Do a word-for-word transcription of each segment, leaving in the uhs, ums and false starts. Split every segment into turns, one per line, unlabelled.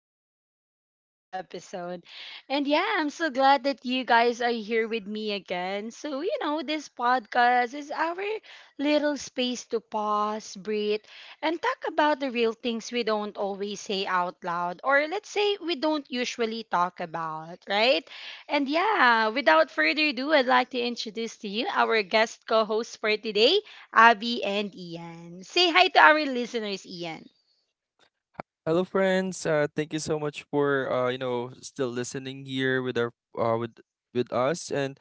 to another podcast episode. And yeah, I'm so glad that you guys are here with me again. So, you know, this podcast is our little space to pause, breathe, and talk about the real things we don't always say out loud, or let's say we don't usually talk about, right? And yeah, without further ado, I'd like to introduce to you our guest co host for today. Abby, and Ian. Say hi to our listeners, Ian.
Hello, friends. Uh, thank you so much for uh, you know, still listening here with our uh, with with us, and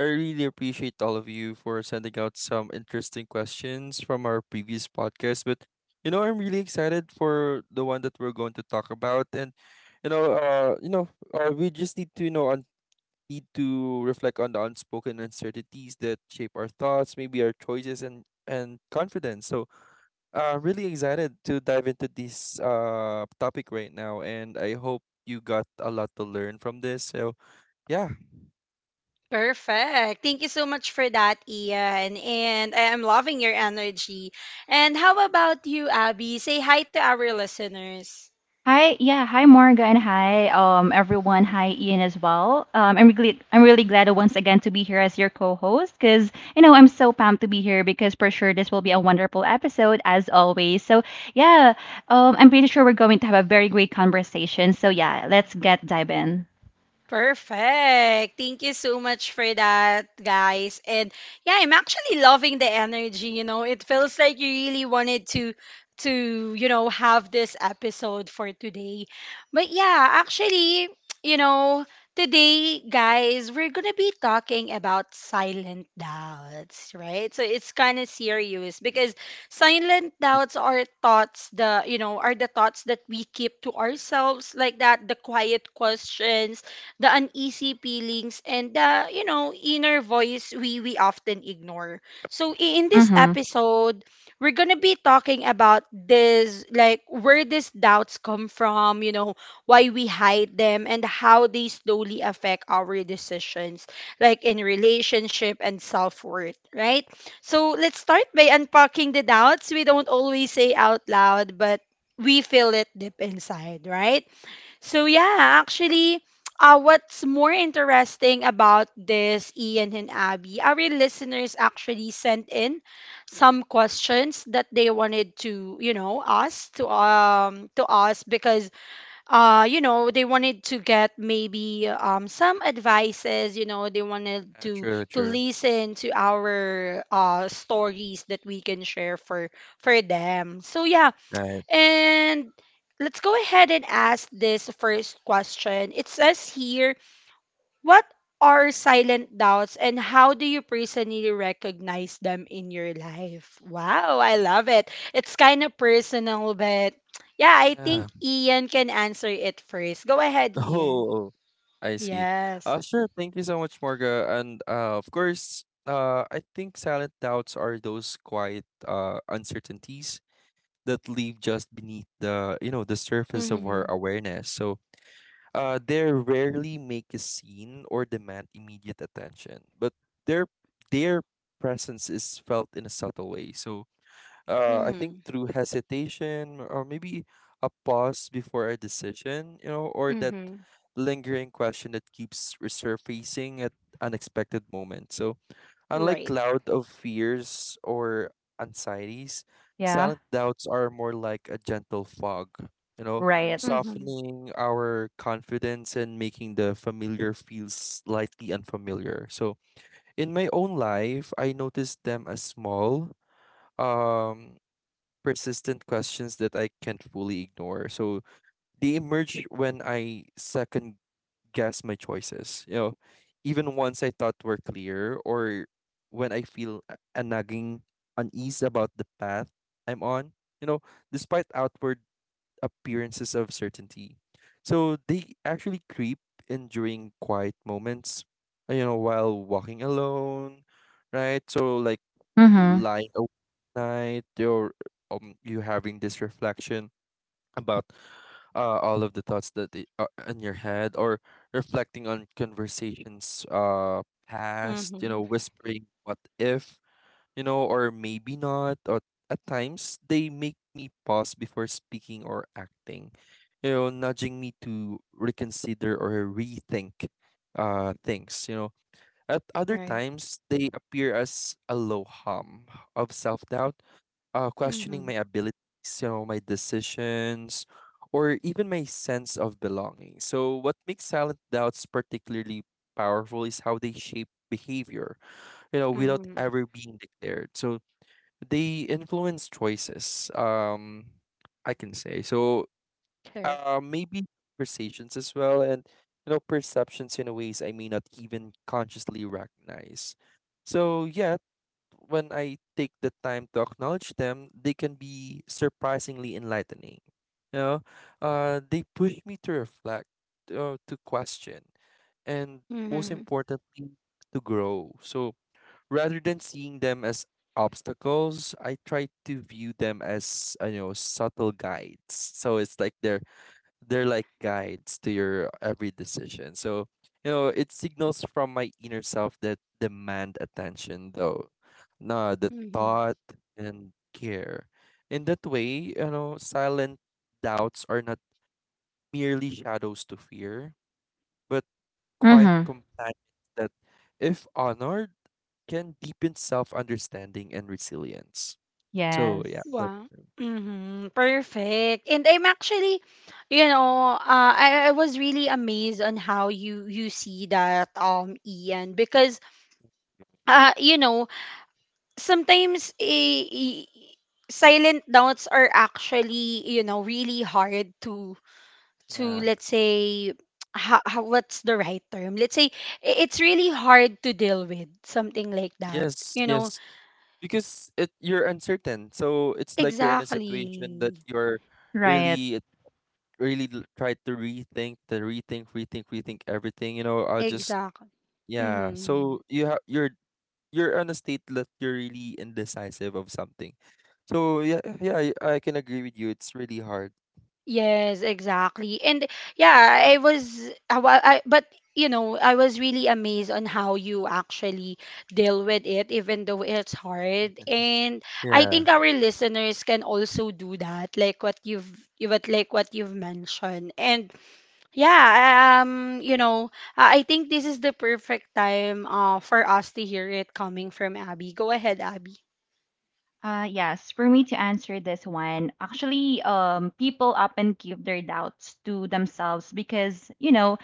I really appreciate all of you for sending out some interesting questions from our previous podcast. But you know, I'm really excited for the one that we're going to talk about, and you know, uh, you know, uh, we just need to you know un- need to reflect on the unspoken uncertainties that shape our thoughts, maybe our choices, and and confidence. So uh, really excited to dive into this uh topic right now, and I hope you got a lot to learn from this. So yeah,
Perfect. Thank you so much for that, Ian. And I am loving your energy. And how about you, Abby? Say hi to our listeners.
Hi, yeah, hi Morga and hi um everyone. Hi Ian as well. Um, I'm really I'm really glad once again to be here as your co-host because you know I'm so pumped to be here because for sure this will be a wonderful episode as always. So yeah, um, I'm pretty sure we're going to have a very great conversation. So yeah, let's get dive in.
Perfect. Thank you so much for that, guys. And yeah, I'm actually loving the energy, you know. It feels like you really wanted to to, you know, have this episode for today. But yeah, actually, you know, today, guys, we're going to be talking about silent doubts, right? So it's kind of serious because silent doubts are thoughts the, you know, are the thoughts that we keep to ourselves like that, the quiet questions, the uneasy feelings, and the you know inner voice we we often ignore. So i- in this
Mm-hmm.
episode we're gonna be talking about this, like where these doubts come from, you know why we hide them and how they slowly affect our decisions, like in relationship and self-worth, right? So let's start by unpacking the doubts we don't always say out loud, but we feel it deep inside, right? So yeah, actually, uh, what's more interesting about this, Ian and Abby, our listeners actually sent in some questions that they wanted to, you know, us to um to us because uh you know they wanted to get maybe um some advices, you know, they wanted
uh,
to
true,
to
true,
listen to our uh stories that we can share for for them. So yeah,
right?
and let's go ahead and ask this first question. It says here, what are silent doubts and how do you personally recognize them in your life? Wow, I love it. It's kind of personal, but yeah, I think
Yeah.
Ian can answer it first. Go ahead, Ian.
Oh, I see.
Yes.
Uh, sure. Thank you so much, Morga, and uh, of course, uh, I think silent doubts are those quiet uh uncertainties that leave just beneath the you know the surface of our
Mhm.
awareness. So Uh, they rarely make a scene or demand immediate attention, but their their presence is felt in a subtle way. So, uh, I think
Mhm.
through hesitation or maybe a pause before a decision, you know, or that
Mhm.
lingering question that keeps resurfacing at unexpected moments. So, unlike
Right.
cloud of fears or anxieties,
Yeah.
silent doubts are more like a gentle fog, you know,
Right.
Mhm.
softening our confidence and making the familiar feel slightly unfamiliar. So, in my own life, I noticed them as small, um, persistent questions that I can't fully ignore. So, they emerge when I second guess my choices. You know, even ones I thought were clear, or when I feel a a nagging unease about the path I'm on. You know, despite outward appearances of certainty, so they actually creep in during quiet moments. uh, You know, while walking alone, right? So like
Mm-hmm.
lying awake at night, or um, you having this reflection about uh, all of the thoughts that i- are in your head or reflecting on conversations uh past, you
Mhm.
know, whispering what if, you know, or maybe not, or at times they make me pause before speaking or acting, you know, nudging me to reconsider or rethink uh things, you know. At other
Right.
times they appear as a low hum of self-doubt, uh, questioning
Mhm.
my abilities, you know, my decisions, or even my sense of belonging. So, what makes silent doubts particularly powerful is how they shape behavior, you know, without
Mhm.
ever being declared. So, they influence choices, um, I can say. So,
Correct.
uh, maybe conversations as well, and, you know, perceptions in ways I may not even consciously recognize. So, yeah, when I take the time to acknowledge them, they can be surprisingly enlightening. You know, uh, they push me to reflect, uh, to question, and most
Mhm.
importantly, to grow. So rather than seeing them as obstacles, I try to view them as uh, you know, subtle guides. So it's like they're they're like guides to your every decision. So, you know, it signals from my inner self that demand attention, though. No, the
Mhm.
thought and care. In that way, you know, silent doubts are not merely shadows to fear, but quiet
Mm-hmm.
companions that, if honored, can deepen self understanding and resilience. So, yeah,
Yes.
that.
Wow. Mhm. Perfect. And I'm actually, you know, uh, I, I was really amazed on how you you see that, um Ian, because uh you know sometimes eh, eh, silent doubts are actually you know really hard to to
Yeah.
let's say, how, how what's the right term, let's say i- it's really hard to deal with something like that,
Yes,
you know.
yes. Because it you're uncertain. So it's like you're in a situation that
Exactly.
you're
Right.
really it really l- try to rethink, to rethink, rethink, rethink everything, you know, I'll just
Exactly.
yeah.
Mm-hmm.
So you have you're you're on a state that you're really indecisive of something. So yeah, yeah, I I can agree with you. It's really hard.
Yes, exactly. And yeah, I was I, wa- I but you know, I was really amazed on how you actually deal with it even though it's hard. And I
Yeah,
think our listeners can also do that, like what you've you what like what you've mentioned. And yeah, um you know, I I think this is the perfect time uh for us to hear it coming from Abby. Go ahead, Abby.
Uh, yes, for me to answer this one, actually, um, people often give their doubts to themselves because, you know,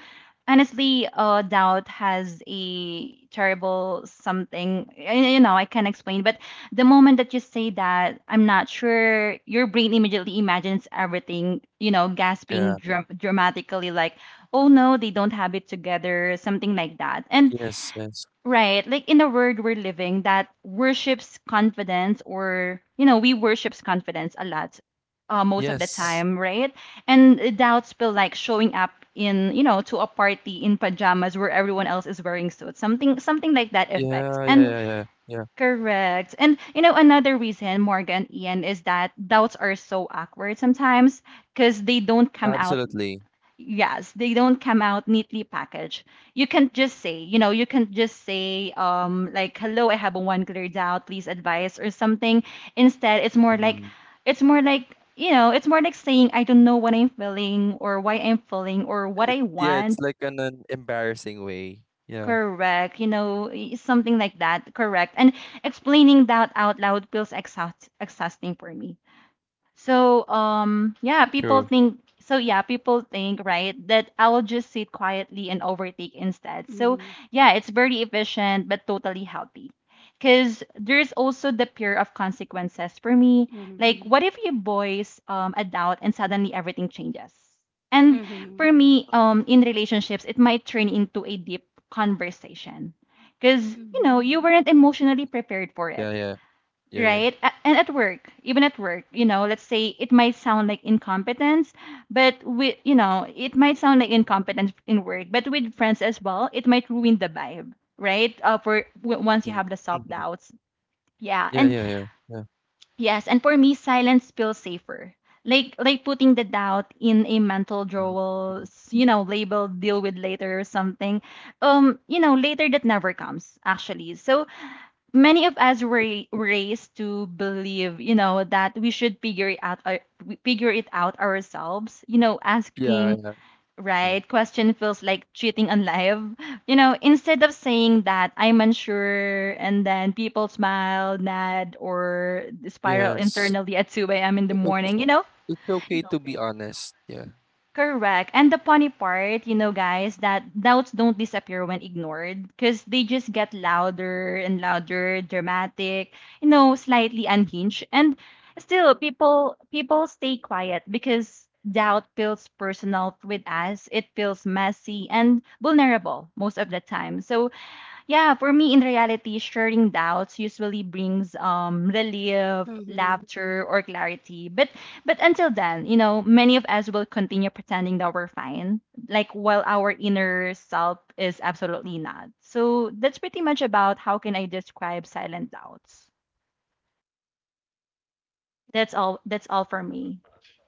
honestly, uh, doubt has a terrible something. y- You know, I can't explain, but the moment that you say that, I'm not sure, your brain immediately imagines everything, you know,
yeah,
gasping dra- dramatically, like, oh no, they don't have it together, something like that. And
yes, yes,
right. Like in the world we're living that worships confidence or, you know, we worships confidence a lot uh, most of the
yes,
time, right? And doubts feel like showing up in, you know, to a party in pajamas where everyone else is wearing suits. Something something like that effect.
yeah, yeah,
And
yeah, yeah, yeah,
correct. And you know, another reason Morgan Ian is that doubts are so awkward sometimes because they don't come out.
absolutely.
Yes, they don't come out neatly packaged. You can just say, you know, you can just say, um, like, hello, I have a one cleared out, please advise or something. Instead, it's more like,
Mhm.
it's more like, you know, it's more like saying, I don't know what I'm feeling or why I'm feeling or what
It,
I
yeah, it's
want.
like an, an embarrassing way. Yeah,
Correct, you know, y- something like that. Correct. And explaining that out loud feels exhaust exhausting for me. So um yeah, people
true.
think so yeah, people think, right, that I'll just sit quietly and overtake instead. So
Mhm.
yeah, it's very efficient but totally healthy. Cause there's also the fear of consequences for me.
Mhm.
Like what if you voice um a doubt and suddenly everything changes? And
Mhm.
for me, um in relationships it might turn into a deep conversation. Cause you know,
Mhm.
you weren't emotionally prepared for it,
Yeah, yeah, yeah, yeah.
right? A- And at work, even at work, you know, let's say it might sound like incompetence, but we, you know, it might sound like incompetence in work, but with friends as well, it might ruin the vibe, right? Uh, for w- once you
In
have the self
mhm.
doubts, yeah,
Yeah,
and
yeah, yeah, yeah.
yes, and for me, silence feels safer. Like like putting the doubt in a mental drawer,
Mm,
s- you know, label deal with later or something. Um, you know, later that never comes actually. So many of us were ra- raised to believe, you know, that we should figure it out, our, we figure it out ourselves. You know,
yeah,
asking
yeah. Mm,
right question feels like cheating on life. You know, instead of saying that I'm unsure, and then people smile, nod, or spiral
yes.
internally at two a m in the
I- It's
morning. You know,
it's okay to be honest. Yeah.
correct. And the funny part, you know, guys, that doubts don't disappear when ignored because they just get louder and louder, dramatic, you know, slightly unhinged. And still, people people stay quiet because doubt feels personal with us. It feels messy and vulnerable most of the time. So yeah, for me in reality, sharing doubts usually brings um relief,
Mhm.
laughter, or clarity. But but until then, you know, many of us will continue pretending that we're fine, like while our inner self is absolutely not. So that's pretty much about how can I describe silent doubts. That's all that's all for me.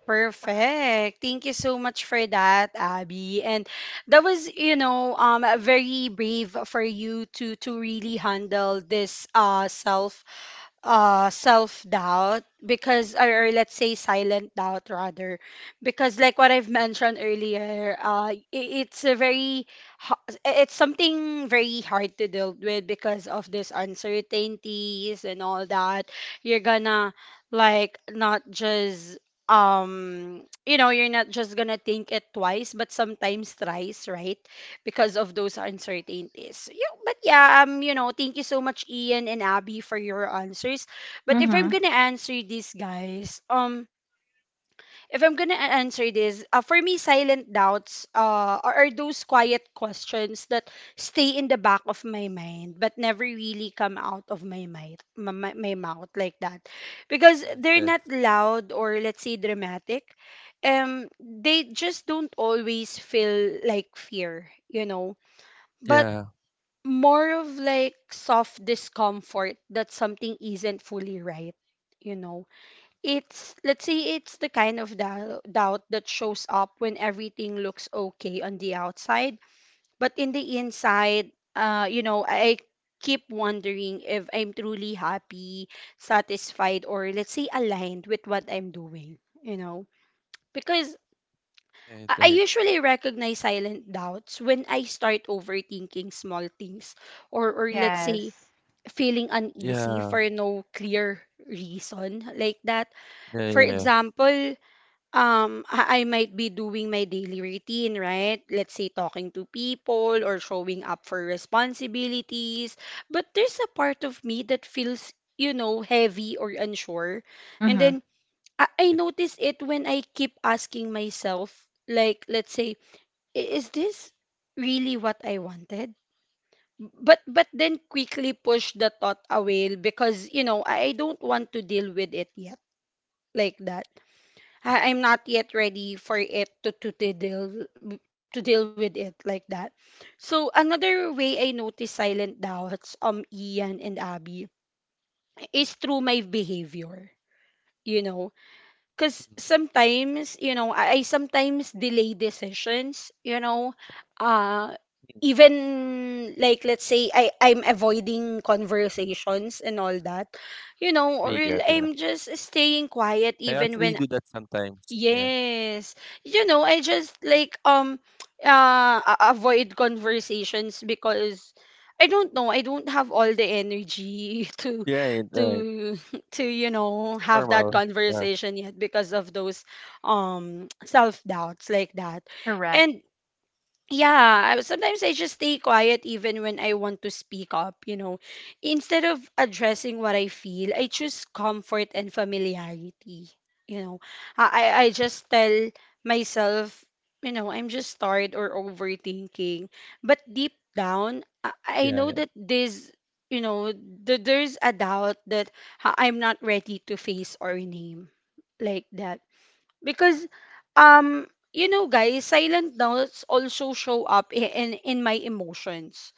Perfect. Thank you so much for that, Abby. And that was, you know, um very brave for you to to really handle this uh self uh self doubt, because, or, or let's say silent doubt rather, because like what I've mentioned earlier, uh i- it's a very ho- it's something very hard to deal with because of this uncertainties and all that. You're gonna, like, not just um you know, you're not just gonna think it twice but sometimes thrice, right, because of those uncertainties. Yeah, but yeah, um, you know, thank you so much, Ian and Abby, for your answers. But if I'm
Mm-hmm.
gonna answer this, guys, um, if I'm gonna a- answer this, uh, for me, silent doubts, uh, are, are those quiet questions that stay in the back of my mind but never really come out of my mind, my, my, my mouth, like that, because
Yes,
they're
yes.
not loud, or let's say dramatic. Um, they just don't always feel like fear, you know. But
Yeah.
more of like soft discomfort that something isn't fully right, you know. It's, let's say, it's the kind of dou- doubt that shows up when everything looks okay on the outside, but in the inside, uh you know, I keep wondering if I'm truly happy, satisfied, or let's say aligned with what I'm doing, you know, because i
Right,
I
right.
usually recognize silent doubts when I start overthinking small things, or or let's say
Yes.
feeling uneasy
Yeah.
for no clear reason, like that.
Yeah,
For
yeah, yeah.
example, um, I I might be doing my daily routine, right? Let's say talking to people or showing up for responsibilities, but there's a part of me that feels, you know, heavy or unsure. And
Mm-hmm.
then I, I
It,
notice it when I keep asking myself, like, let's say, "I- is this really what I wanted?" but but then quickly push the thought away because you know I, I don't want to deal with it yet, like that.
mm,
I, I'm not yet ready for it to, to to deal, to deal with it, like that. So another way I notice silent doubts, um Ian and Abby, is through my behavior, you know, because
mm,
sometimes you know I, I sometimes delay decisions, you know. uh Even, like, let's say I I'm avoiding conversations and all that, you know, or
yeah, yeah.
I'm just staying quiet
I actually
even
do
when.
that sometimes. Yeah.
Yes. You know, I just like um uh a- avoid conversations because I don't know, I don't have all the energy to
Yeah, it, right.
to to you know have that
Normal. Yeah.
conversation yet because of those um self-doubts, like that.
Correct.
And yeah, I- sometimes I just stay quiet even when I want to speak up, you know. Instead of addressing what I feel, I choose comfort and familiarity, you know. I, I, I just tell myself, you know, I'm just tired or overthinking. But deep down, I, I
Yeah,
know
yeah.
that this, you know, th- there's a doubt that ha- I'm not ready to face or name, like that, because um you know, guys, silent notes also show up i- in in my emotions,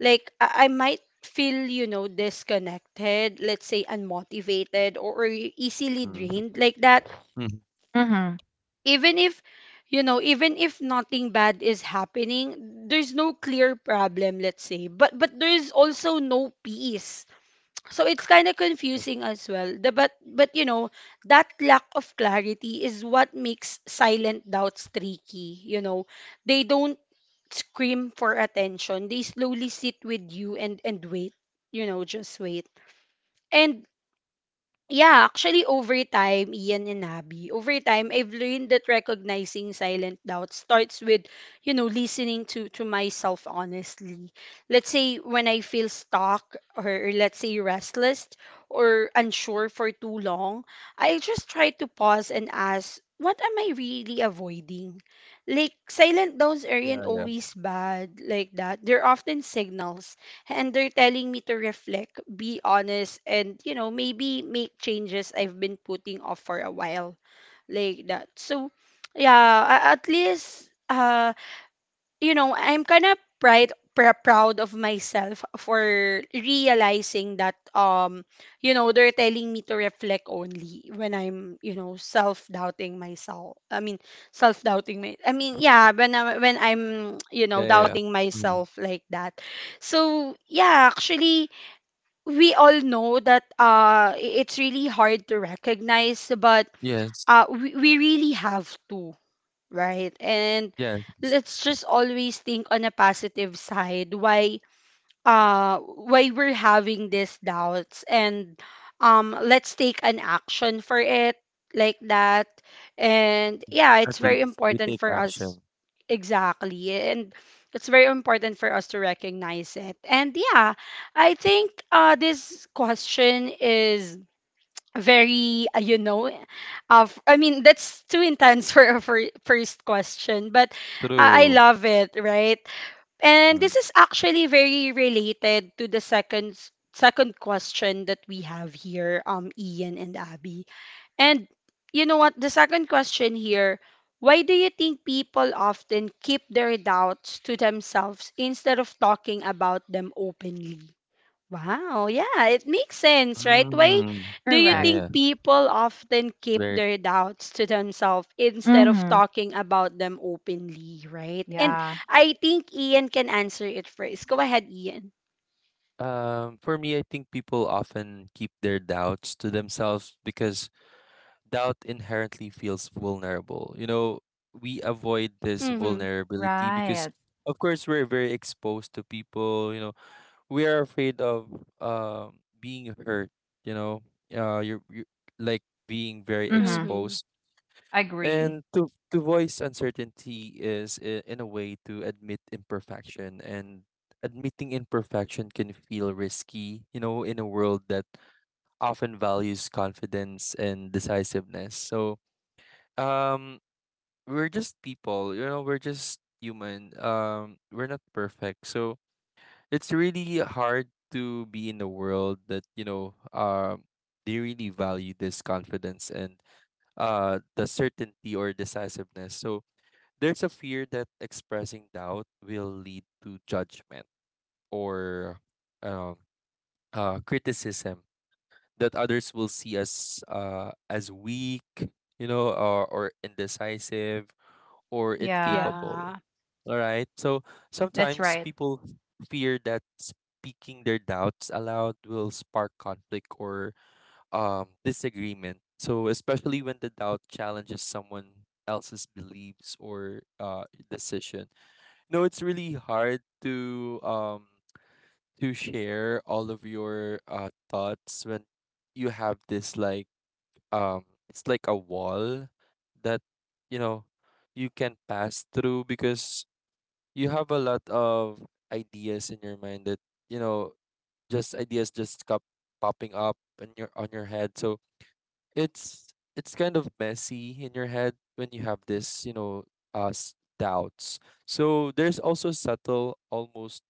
like i, I might feel, you know, disconnected, let's say unmotivated, or, or e-, easily
Mm.
drained, like that.
Mm.
Mm-hmm.
Even if, you know, even if nothing bad is happening, there's no clear problem, let's say, but but there's also no peace, so it's kind of
Yes.
confusing as well, the, but but you know that lack of clarity is what makes silent doubts tricky, you know. They don't scream for attention, they slowly sit with you and and wait, you know, just wait. And yeah, actually, over time, Ian and Abby, over time I've learned that recognizing silent doubt starts with, you know, listening to to myself honestly. Let's say when I feel stuck, or, or let's say restless or unsure for too long, I just try to pause and ask, what am I really avoiding? Like silent doubts
Yeah,
aren't
yeah.
always bad, like that. They're often signals, and they're telling me to reflect, be honest, and you know, maybe make changes I've been putting off for a while, like that. So, yeah, a- at least, uh you know, I'm kind of pride pr- proud of myself for realizing that, um you know, they're telling me to reflect only when I'm, you know, self-doubting myself I mean self-doubting my I mean yeah, when I, when I'm, you
Yeah,
know,
yeah, yeah.
doubting
Mm.
myself, like that. So yeah, actually, we all know that uh i- it's really hard to recognize, but
Yes.
uh we, we really have to, right? And
Yes.
let's just always think on a positive side why uh why we're having these doubts, and um let's take an action for it, like that. And yeah,
At
it's very
least we
important
take
for us,
action.
exactly, and it's very important for us to recognize it. And yeah, I think uh this question is very uh, you know uh, f- I mean that's too intense for a fir- first question, but uh, I
True.
love it, right? And
Mm.
this is actually very related to the second s- second question that we have here, um Ian and Abby. And you know what the second question here: why do you think people often keep their doubts to themselves instead of talking about them openly? Wow, yeah, it makes sense, right? Why
Mm.
do you
Yeah,
Correct.
yeah.
think people often keep
Very.
their doubts to themselves instead of
Mm-hmm.
talking about them openly, right? And
Yeah.
I think Ian can answer it first. Go ahead, Ian.
Um, for me, I think people often keep their doubts to themselves because doubt inherently feels vulnerable. You know, we avoid this
Mhm.
vulnerability because,
Right.
of course, we're very exposed to people. You know, we are afraid of um being hurt. You know, uh, you're, you like being very
Mm-hmm.
Mhm.
exposed.
Agree.
And to to voice uncertainty is i- in a way to admit imperfection, and admitting imperfection can feel risky, you know, in a world that often values confidence and decisiveness. So, um we're just people, you know, we're just human. Um we're not perfect. So, it's really hard to be in a world that, you know, um they really value this confidence and uh the certainty or decisiveness. So, there's a fear that expressing doubt will lead to judgment or um, uh, criticism, that others will see us uh, as weak, you know, or, or indecisive or
Yeah.
incapable.
Yeah.
All right. So
That's
sometimes
right.
people fear that speaking their doubts aloud will spark conflict or um, disagreement. So, especially when the doubt challenges someone else's beliefs or uh, decision. No, it's really hard to um to share all of your uh thoughts when you have this like um it's like a wall that, you know, you can pass through because you have a lot of ideas in your mind that, you know, just ideas just kept popping up in your on your head. So it's it's kind of messy in your head when you have this, you know, uh s- doubts. So there's also subtle, almost,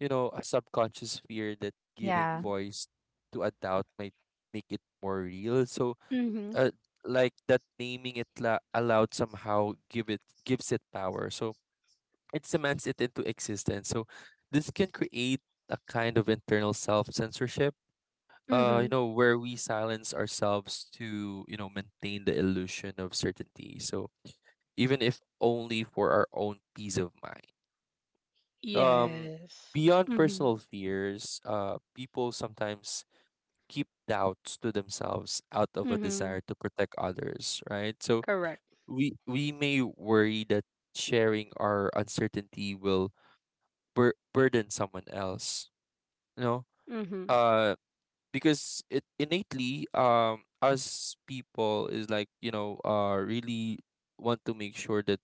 you know, a subconscious fear that giving
Yeah.
voice to a doubt might make it more real. So,
Mhm.
uh, like that naming it la- aloud somehow give it gives it power. So it cements it into existence. So this can create a kind of internal self censorship. Uh, you
Mhm.
know, where we silence ourselves to you know maintain the illusion of certainty. So even if only for our own peace of mind. Um,
Yes.
beyond
Mhm.
personal fears, uh, people sometimes keep doubts to themselves out of a
Mhm.
desire to protect others, right? So
Correct.
we we may worry that sharing our uncertainty will bur- burden someone else, you know?
Mhm.
Uh, because it innately, um, us people is like, you know, uh, really want to make sure that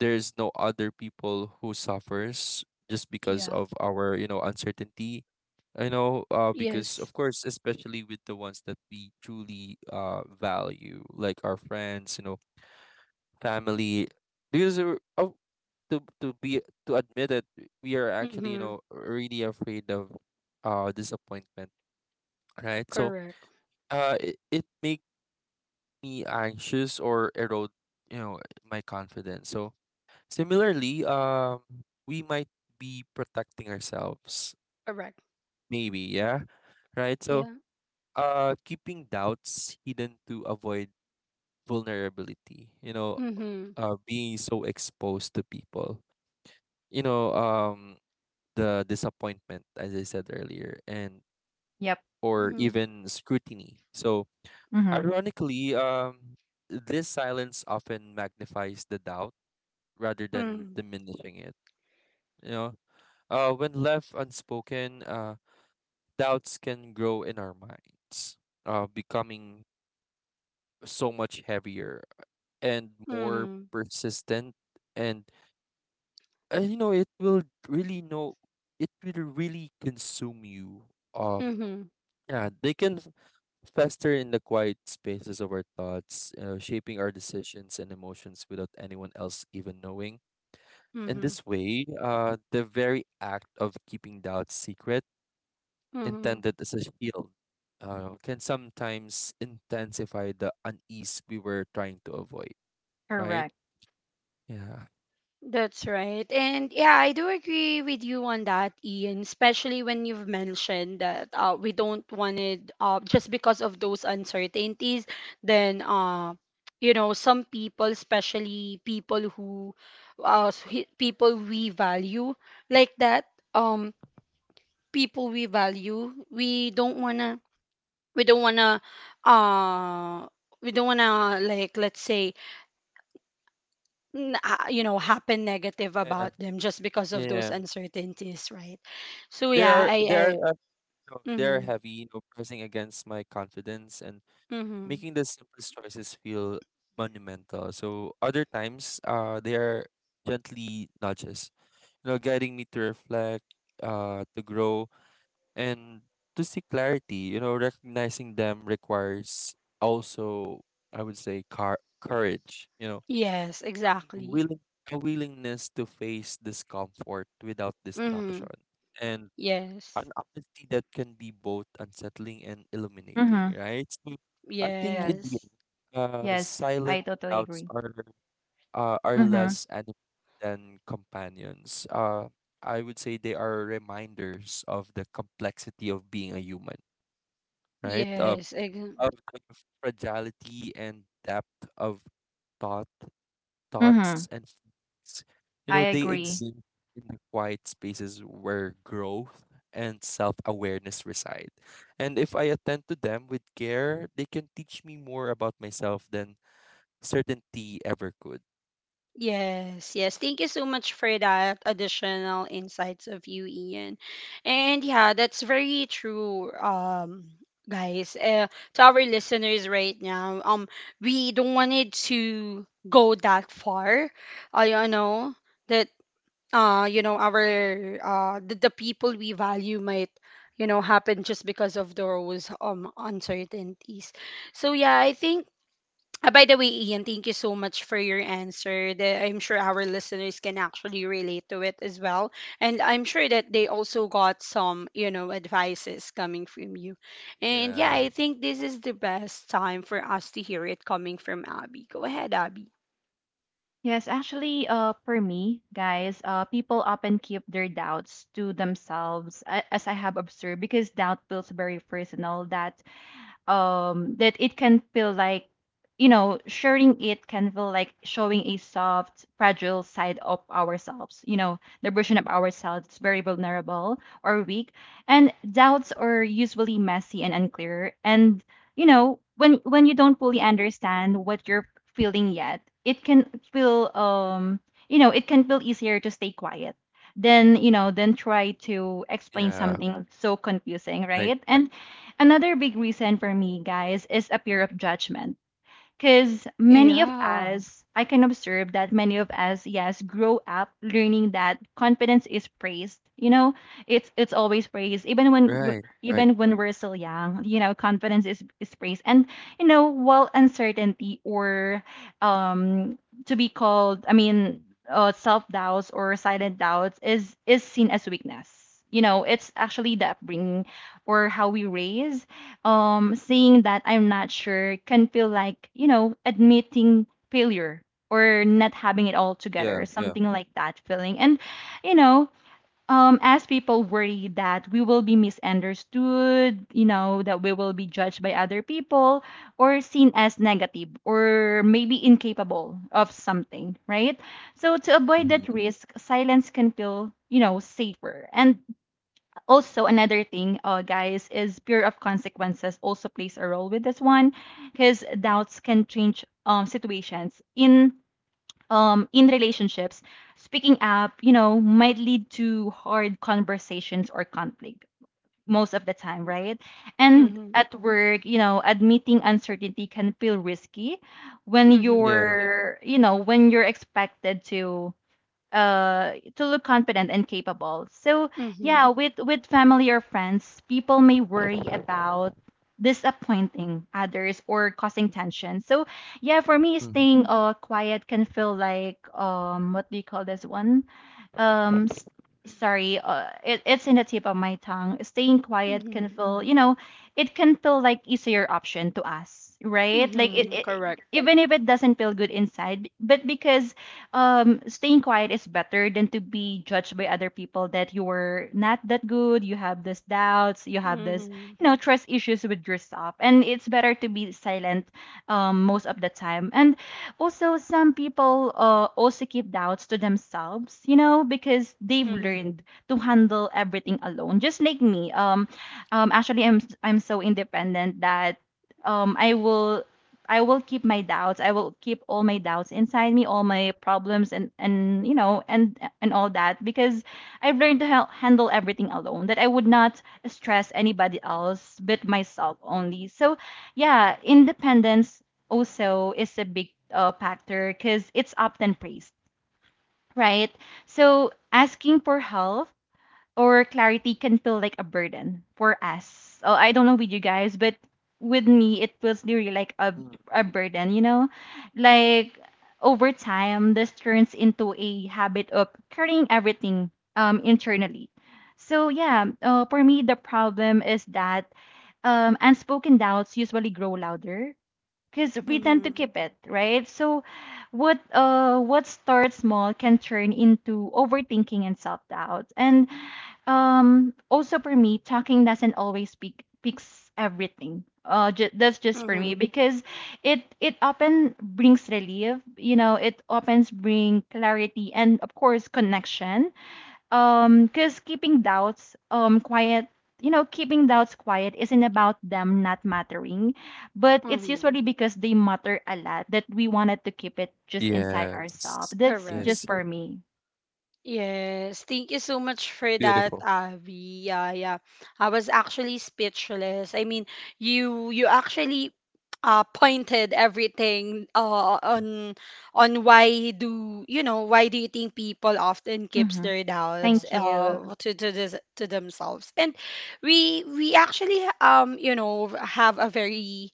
there's no other people who suffers just because
Yeah.
of our you know uncertainty. I know, uh, because of
Yes.
course, especially with the ones that we truly uh value, like our friends, you know, family, because we're- oh, to to be to admit that we are actually, you
Mhm.
know, really afraid of uh disappointment, right? So,
Correct.
uh, it, it make me anxious or erode, you know, my confidence. So similarly, um, we might be protecting ourselves,
Correct.
maybe, yeah, right? So
Yeah.
Uh, keeping doubts hidden to avoid vulnerability. You know,
Mhm.
uh, being so exposed to people. You know, um, the disappointment, as I said earlier, and
Yep.
or
Mhm.
even scrutiny. So,
Mm-hmm.
ironically, um, this silence often magnifies the doubt rather than
Mhm.
diminishing it. You know, uh, when left unspoken, uh, doubts can grow in our minds, uh, becoming so much heavier and more
Mhm.
persistent, and uh, you know it will really know it will really consume you. um
Mhm.
yeah, they can f- fester in the quiet spaces of our thoughts, you know, shaping our decisions and emotions without anyone else even knowing. In
Mm-hmm.
this way, uh the very act of keeping doubts secret,
Mm-hmm.
intended as a shield, uh, can sometimes intensify the unease we were trying to avoid, right?
Correct.
Yeah.
That's right. And yeah, I do agree with you on that, Ian, especially when you've mentioned that uh, we don't want it uh, just because of those uncertainties, then uh, you know, some people, especially people who uh, s- hi- people we value like that, um, people we value, we don't wanna we don't wanna uh we don't wanna like let's say n- ha- you know happen negative
Yeah,
about them just because of those
yeah.
uncertainties, right? So yeah,
They're
i
they're
i
uh, you know, they're
mm-hmm,
heavy, you know, pressing against my confidence and
mm-hmm.
making the simplest choices feel monumental. So other times, uh, they are gently nudges, you know, guiding me to reflect, uh, to grow and to seek clarity. You know, recognizing them requires also, I would say, car courage. You know,
Yes, exactly.
willing a willingness to face discomfort without
Mm-hmm.
distraction and an
Yes,
honesty that can be both unsettling and illuminating,
Mm-hmm.
right? So I think in the
Yes.
yes,
end, uh,
Yes, I
silent
totally
doubts
agree.
are uh, are
Mm-hmm.
less enemies than companions. Uh, I would say they are reminders of the complexity of being a human, right? Uh,
yes ex-
of the fragility and depth of thought
Mm-hmm.
thoughts and feelings. You
I
know, they
agree.
exist in the quiet spaces where growth and self awareness reside. And if I attend to them with care, they can teach me more about myself than certainty ever could.
Yes, yes. Thank you so much for that additional insights of you, Ian. And yeah, that's very true, um, guys. Uh, to our listeners right now, um, we don't want it to go that far. I uh, you know that uh, you know, our uh, the, the people we value might, you know, happen just because of those um uncertainties. So yeah, I think uh, by the way, Ian, thank you so much for your answer. The- I'm sure our listeners can actually relate to it as well. And I'm sure that they also got some, you know, advices coming from you. And yeah,
Yeah,
I think this is the best time for us to hear it coming from Abby. Go ahead, Abby.
Yes, actually, uh, for me, guys, uh, people often keep their doubts to themselves, a- as I have observed, because doubt feels very personal. That um, that it can feel like, you know, sharing it can feel like showing a soft, fragile side of ourselves, you know, the version of ourselves that's very vulnerable or weak. And doubts are usually messy and unclear. And, you know, when when you don't fully understand what you're feeling yet, it can feel um, you know, it can feel easier to stay quiet than, you know, than try to explain
yeah,
something so confusing,
right,
right? And another big reason for me, guys, is a fear of judgment. Because many of
Yeah.
us, I can observe that many of us, yes, grow up learning that confidence is praised. You know, it's it's always praised, even when w-
right, right.
even when we're still young. You know, confidence is is praised, and you know, while uncertainty or um to be called, I mean, uh, self doubts or silent doubts is is seen as weakness. You know, it's actually the upbringing or how we raise um saying that I'm not sure can feel like, you know, admitting failure or not having it all
Yeah,
together,
yeah.
something like that feeling. And, you know, um, as people worry that we will be misunderstood, you know, that we will be judged by other people or seen as negative or maybe incapable of something, right? So to avoid
Mm-hmm.
that risk, silence can feel, you know, safer. And also another thing uh, guys is fear of consequences also plays a role with this one because doubts can change um, situations in um, in relationships, speaking up, you know, might lead to hard conversations or conflict most of the time, right? And
Mm-hmm.
at work, you know, admitting uncertainty can feel risky when
Mm-hmm.
Yeah.
you're, you know, when you're expected to uh to look confident and capable. So
Mm-hmm.
yeah, with with family or friends, people may worry about disappointing others or causing tension. So yeah, for me
Mm-hmm.
staying uh quiet can feel like um what do you call this one? Um s- sorry, uh it, it's in the tip of my tongue. Staying quiet can
Mm-hmm.
feel, you know, it can feel like easier option to us, right? Like it,
Mm-hmm.
it
Correct.
even if it doesn't feel good inside, but because um staying quiet is better than to be judged by other people that you were not that good, you have these doubts, you have this,
Mm-hmm.
you know, trust issues with yourself and it's better to be silent um most of the time. And also some people uh, also keep doubts to themselves, you know, because they've
Mm-hmm.
learned to handle everything alone just like me. Um um actually, i'm i'm so independent that um i will I will keep my doubts. I will keep all my doubts inside me, all my problems, and and you know, and and all that because I've learned to hel- handle everything alone. That I would not stress anybody else but myself only. So, yeah, independence also is a big uh, factor because it's often praised, right? So asking for help or clarity can feel like a burden for us. Oh, I don't know with you guys, but with me, it feels really like a,
Mm.
a burden, you know? Like over time, this turns into a habit of carrying everything um, internally. So, yeah, uh, for me, the problem is that um, unspoken doubts usually grow louder because we tend to
Mm-hmm.
keep it, right? So, what uh, what starts small can turn into overthinking and self doubt. And um, also for me, talking doesn't always pick picks everything. Uh, ju- that's just for me
Mm-hmm.
because it it often brings relief. You know, it often bring clarity and of course connection. Um, because keeping doubts um quiet. You know, keeping doubts quiet isn't about them not mattering, but it's
Mm-hmm.
usually because they matter a lot that we wanted to keep it just inside
Yes.
ourselves. That's
Correct.
just
Yes.
for me.
Yes, thank you so much for that,
Beautiful.
Avi. Yeah, yeah. I was actually speechless. I mean, you you actually uh pointed everything uh on on why do you know why do you think people often keeps
Mm-hmm.
their doubts
Thank you.
uh to to this, to themselves, and we we actually um you know have a very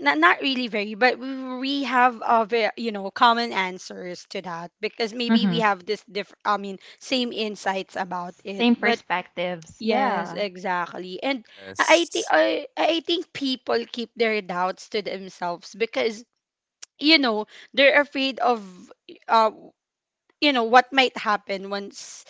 not, not really very, but we we have a ve- you know common answers to that because maybe
Mm-hmm.
we have this diff I mean same insights about
S-
it.
Same
But
perspectives.
yes,
Yeah.
exactly. And I think
Yes.
I, I think people keep their doubts to themselves because you know they're afraid of uh you know what might happen once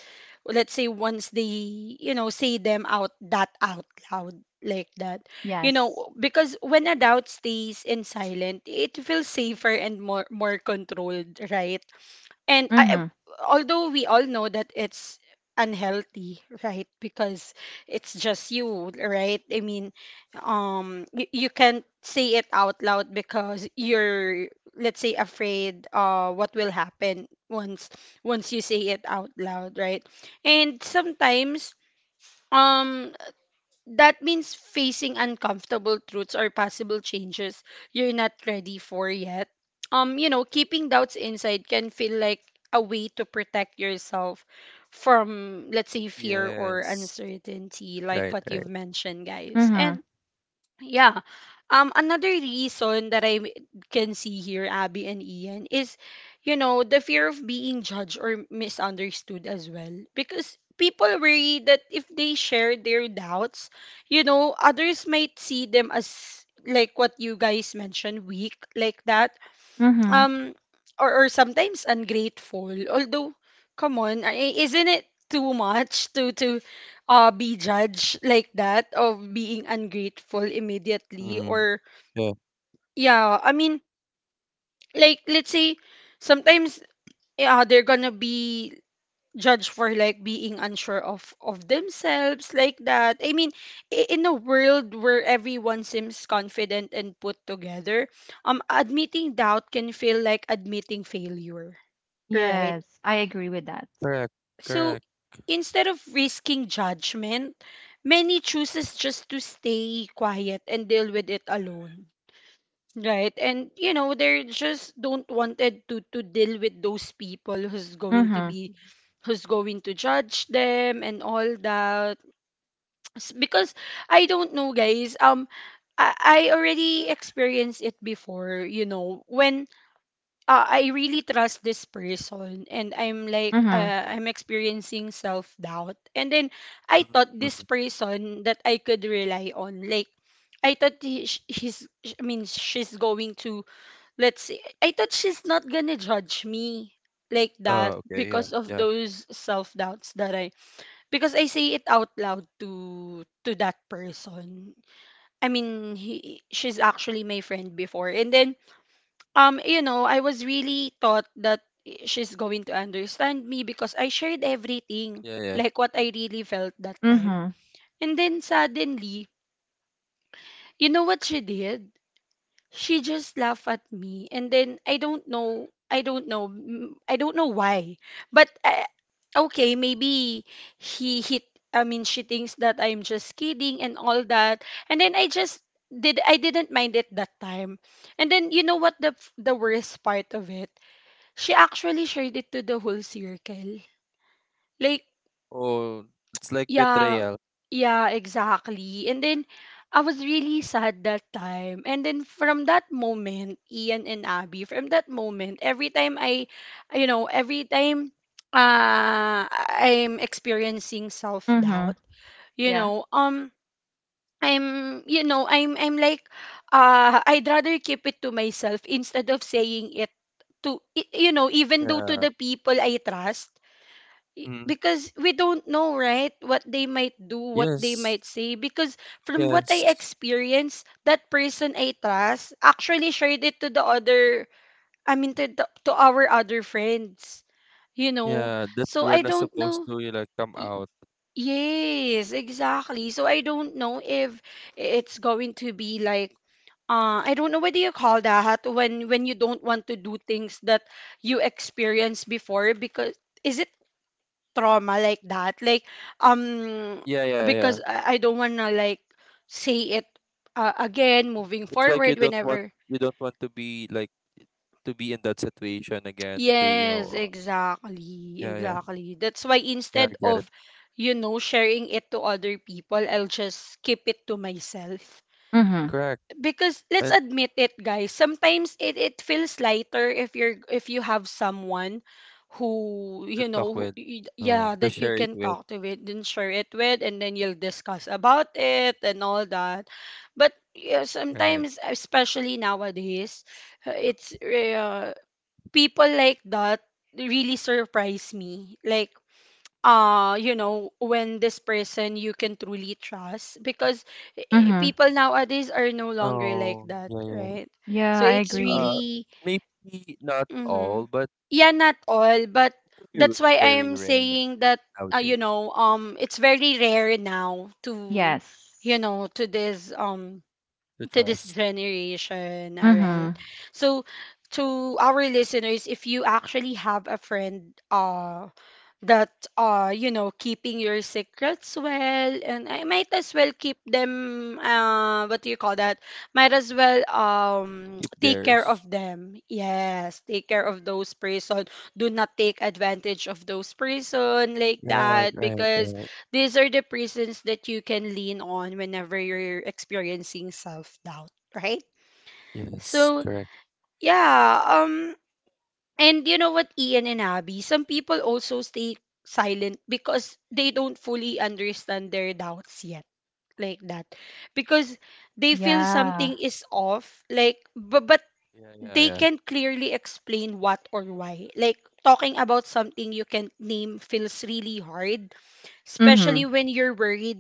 let's say once they you know say them out that out loud like that, you
Yes.
know, because when a doubt stays in silent it feels safer and more more controlled, right? And I,
Mhm.
although we all know that it's unhealthy, right? Because it's just you, right? I mean, um, you, you can't say it out loud because you're, let's say, afraid uh what will happen once once you say it out loud, right? And sometimes um that means facing uncomfortable truths or possible changes you're not ready for yet. Um, you know, keeping doubts inside can feel like a way to protect yourself from, let's say, fear or
Yes.
uncertainty, like
Right,
what
right.
you've mentioned, guys.
Mhm.
And yeah. Um, another reason that I m- can see here, Abby and Ian, is, you know, the fear of being judged or misunderstood as well. Because people worry that if they share their doubts, you know, others might see them as, like what you guys mentioned, weak, like that,
Mhm.
um, or, or sometimes ungrateful, although come on, i- isn't it too much to to uh be judged like that of being ungrateful immediately?
Mm.
Or
Yeah.
yeah, I mean, like let's say sometimes, yeah, they're gonna be judged for like being unsure of of themselves, like that. I mean, i- in a world where everyone seems confident and put together, um, admitting doubt can feel like admitting failure. Right.
Yes, I agree with that.
Correct. Correct.
So instead of risking judgment, many chooses just to stay quiet and deal with it alone. Right. And you know, they just don't wanted to to deal with those people who's going to
Mhm.
be who's going to judge them and all that. S- Because I don't know guys, um I, I already experienced it before, you know, when uh, I really trust this person and I'm like
Mhm.
uh, I'm experiencing self doubt, and then I thought
Mm-hmm.
this person that I could rely on, like I thought he, sh- he's sh- I mean she's going to, let's say I thought she's not gonna judge me like that
Oh, okay, yeah,
because of
yeah,
those self doubts that I, because I say it out loud to to that person. I mean he she's actually my friend before, and then um you know I was really thought that she's going to understand me because I shared everything,
yeah, yeah.
like what I really felt that time.
Mhm.
And then suddenly, you know what she did, she just laughed at me, and then I don't know, i don't know mm, I don't know why. But I, okay maybe he hit I mean she thinks that I'm just kidding and all that. And then I just did I didn't mind it that time. And then you know what the f- the worst part of it, she actually shared it to the whole circle. Like,
Oh, it's like
yeah,
betrayal.
yeah, exactly. And then I was really sad that time. And then from that moment, Ian and Abby, from that moment, every time I, you know, every time uh, I'm experiencing
Mhm.
self-doubt, you
Yeah.
know, um, I'm, you know, I'm, I'm like, uh, I'd rather keep it to myself instead of saying it to, y- you know, even though to
Yeah.
the people I trust. Y-
Mm.
because we don't know, right, what they might do, what they
Yes,
might say, because from what I
yes,
experienced, that person I trust actually shared it to the other, I mean to, the, to our other friends, you know.
yeah. That
So
we're
I
not
don't
supposed
know.
to you like come
Y-
out.
yes, exactly. So I don't know if it's going to be like, uh, I don't know, what do you call that when when you don't want to do things that you experienced before? Because is it trauma, like that? Like, um,
Yeah, yeah, yeah.
because i I don't want to like say it uh, again moving
It's like you
forward
don't want
whenever.
you don't want to be like to be in that situation again. To you know,
Yes,
uh,
exactly,
yeah, yeah,
exactly. That's why
yeah. I
instead
get it.
of, you know, sharing it to other people, I'll just keep it to myself.
Mhm.
Correct.
Because let's
And
admit it guys, sometimes it, it feels lighter if you're if you have someone who,
to
you know,
talk
who,
with,
y-
uh,
yeah,
to
that you
share it
can
with,
talk to it and share it with, and then you'll discuss about it and all that. But yeah,
right?
sometimes especially nowadays, uh, it's uh, people like that really surprise me, like, uh, you know, when this person you can truly trust. Because eh, eh,
Mhm.
people nowadays are no longer like
Oh,
that,
yeah, yeah.
right?
Yeah,
So
I
it's
Uh,
agree.
really
Maybe not
hmm,
all, but
yeah, not all, but
very,
that's why I
very
am
rare
saying that, uh, you
nowadays.
know, um, it's very rare now to, you
Yes.
know, to this um
The
to this
trust.
generation, all right?
Mhm.
So to our listeners, if you actually have a friend, uh that uh you know keeping your secrets well, and I might as well keep them, uh, what do you call that, might as well um
Keep
take care of
theirs.
them, yes, take care of those person. Do not take advantage of those person like
Right,
that,
right,
because
right.
these are the prisons that you can lean on whenever you're experiencing self doubt, right?
Yes,
So
correct.
yeah, um, and you know what, Ian and Abby, some people also stay silent because they don't fully understand their doubts yet, like that. Because they feel
Yeah.
something is off, like, but, but
Yeah, yeah,
they
yeah.
can't clearly explain what or why. Like, talking about something you can't name feels really hard,
Mhm.
especially when you're worried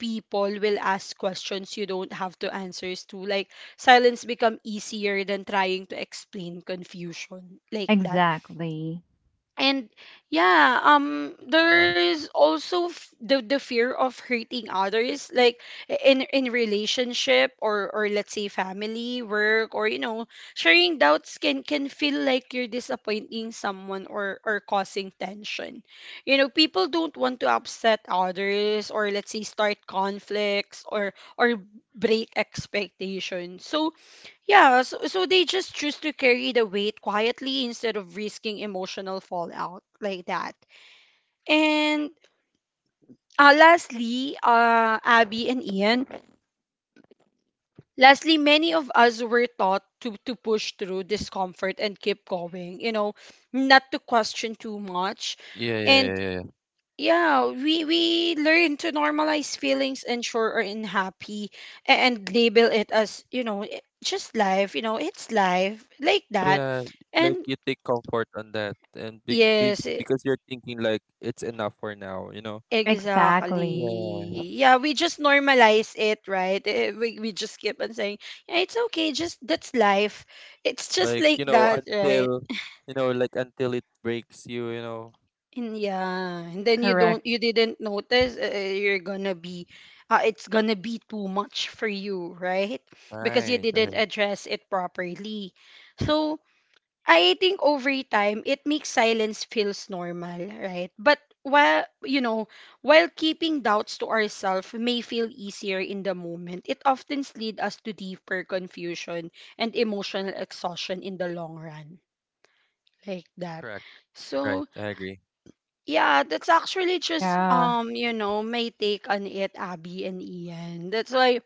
people will ask questions you don't have to answers to. Like, silence become easier than trying to explain confusion, like that.
Exactly.
And yeah,
Yeah.
um, there is also f- the the fear of hurting others, like, i- in in relationship, or or let's say family, work, or you know, sharing doubts can can feel like you're disappointing someone or or causing tension. You know, people don't want to upset others, or let's say start conflicts or or break expectations. So yeah, so, so they just choose to carry the weight quietly instead of risking emotional fallout, like that. And uh, lastly, uh, Abby and Ian, lastly, many of us were taught to, to push through discomfort and keep going, you know, not to question too much.
Yeah, yeah,
And
yeah, yeah. Yeah,
yeah, we, we learn to normalize feelings and sure are unhappy, a- and label it as, you know, just life, you know, it's life, like that.
yeah, like
And
you take comfort on that and be, be
yes, e-
because you're thinking like it's enough for now, you know.
exactly.
Exactly.
Yeah.
Yeah, we just normalize it, right? Eh, We, we just keep on saying, yeah, it's okay, just that's life. It's just
Like,
like
you know,
that, right?
until you know, like until it breaks you, you know.
And yeah, and then you
Correct.
don't, you didn't notice, uh, you're gonna be, uh, it's gonna be too much for you, right? Because you
Right,
didn't
right.
address it properly. So, I think over time it makes silence feels normal, right? But while you know, while keeping doubts to ourselves may feel easier in the moment, it often leads us to deeper confusion and emotional exhaustion in the long run. Like that.
Correct. Right.
So
I agree.
yeah, that's actually just
Yeah.
um, you know, my take on it, Abby and Ian. That's why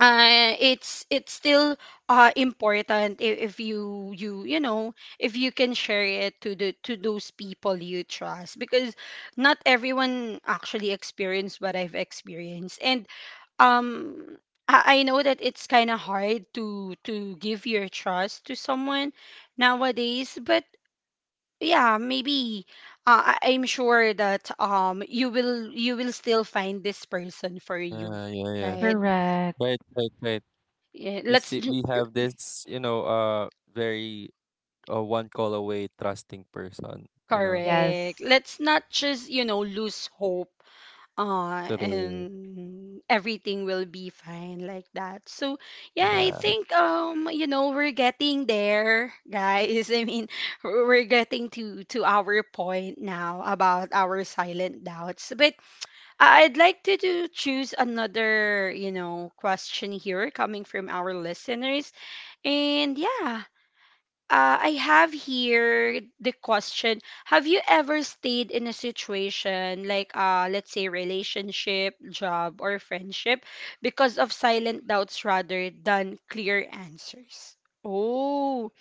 uh, it's it's still uh, important if, if you you you know if you can share it to the to those people you trust, because not everyone actually experienced what I've experienced. And um I, I know that it's kind of hard to to give your trust to someone nowadays, but yeah, maybe uh, I, I'm sure that um you will you will still find this person for you,
Yeah, yeah, yeah.
right?
Correct.
Right, right, right.
Yeah,
We
let's—
see we have this, you know, uh very uh one call away trusting person, you know.
Correct.
Yes.
Let's not just, you know, lose hope, uh,
True.
and everything will be fine, like that. So, yeah, I
Yeah.
think, um, you know, we're getting there, guys. I mean, we're we're getting to, to our point now about our silent doubts. But I- I'd like to do, choose another, you know, question here coming from our listeners. And yeah, uh, I have here the question: Have you ever stayed in a situation like, uh, let's say, relationship, job, or friendship, because of silent doubts rather than clear answers? Oh,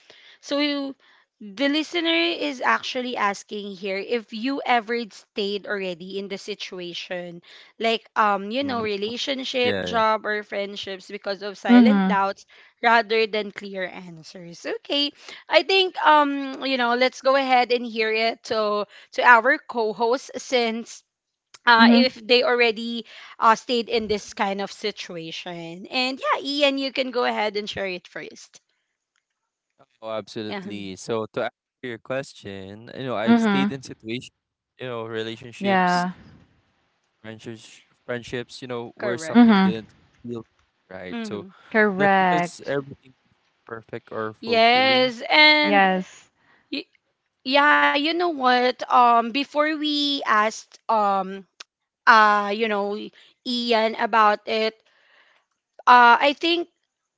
so you, the listener is actually asking here if you ever stayed already in the situation, like um, you know,
Mhm.
relationship,
Yeah, yeah.
job, or friendships because of silent
Mhm.
doubts rather than clear answers. Okay, I think um, you know, let's go ahead and hear it to to our co-host since. Uh,
Mhm.
if they already uh, stayed in this kind of situation. And yeah, Ian, you can go ahead and share it first.
Oh,
Yeah,
absolutely. So to answer your question, you know, I've stayed
Mhm.
in situations, you know, relationships,
Yeah.
friendships, friendships, you know, where
correct.
something
Mhm.
didn't feel right. So not because
Correct.
everything is perfect or fulfilling.
Yes, and
Yes.
y- yeah, you know what? Um, before we asked um uh you know Ian about it, uh I think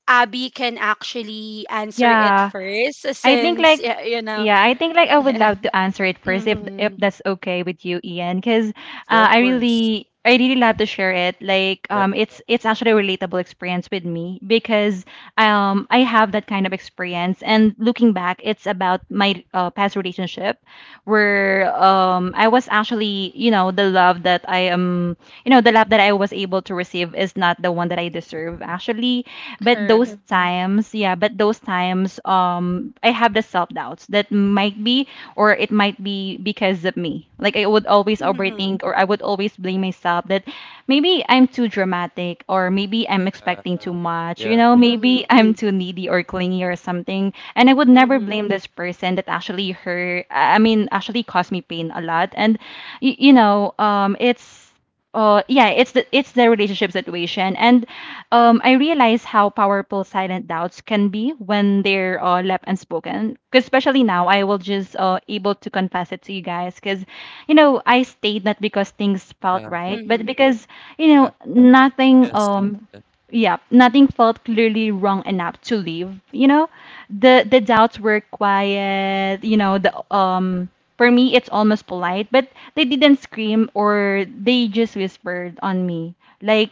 Abby can actually answer it
Yeah,
first,
I think
since
like
yeah, you know.
yeah, I think like I would
Yeah.
love to answer it first if if
Mm-hmm.
that's okay with you, Ian, because
Yeah,
uh,
of
I
course.
really I really love to share it. Like
Yeah.
um, it's it's actually a relatable experience with me because um I have that kind of experience. And looking back, it's about my uh, past relationship where um I was actually, you know, the love that I am you know the love that I was able to receive is not the one that I deserve actually. But those
Correct.
times, yeah, but those times, um, I have the self doubts that might be or it might be because of me. Like I would always
Mm-hmm.
overthink or I would always blame myself that maybe I'm too dramatic or maybe I'm
Yeah.
expecting too much, you
Yeah.
know,
Mm-hmm.
maybe I'm too needy or clingy or something. And I would never
Mm-hmm.
blame this person that actually hurt, I mean, actually caused me pain a lot. And, y- you know, um, it's, uh yeah it's the it's the relationship situation. And um I realize how powerful silent doubts can be when they're uh, left unspoken. 'Cause especially now I will just uh able to confess it to you guys because you know, I stayed not because things felt
Yeah.
right
Mm-hmm.
but because you know
Yeah.
nothing
Yes.
um
Yes.
yeah, nothing felt clearly wrong enough to leave. You know, the the doubts were quiet. You know, the um for me it's almost polite, but they didn't scream, or they just whispered on me. Like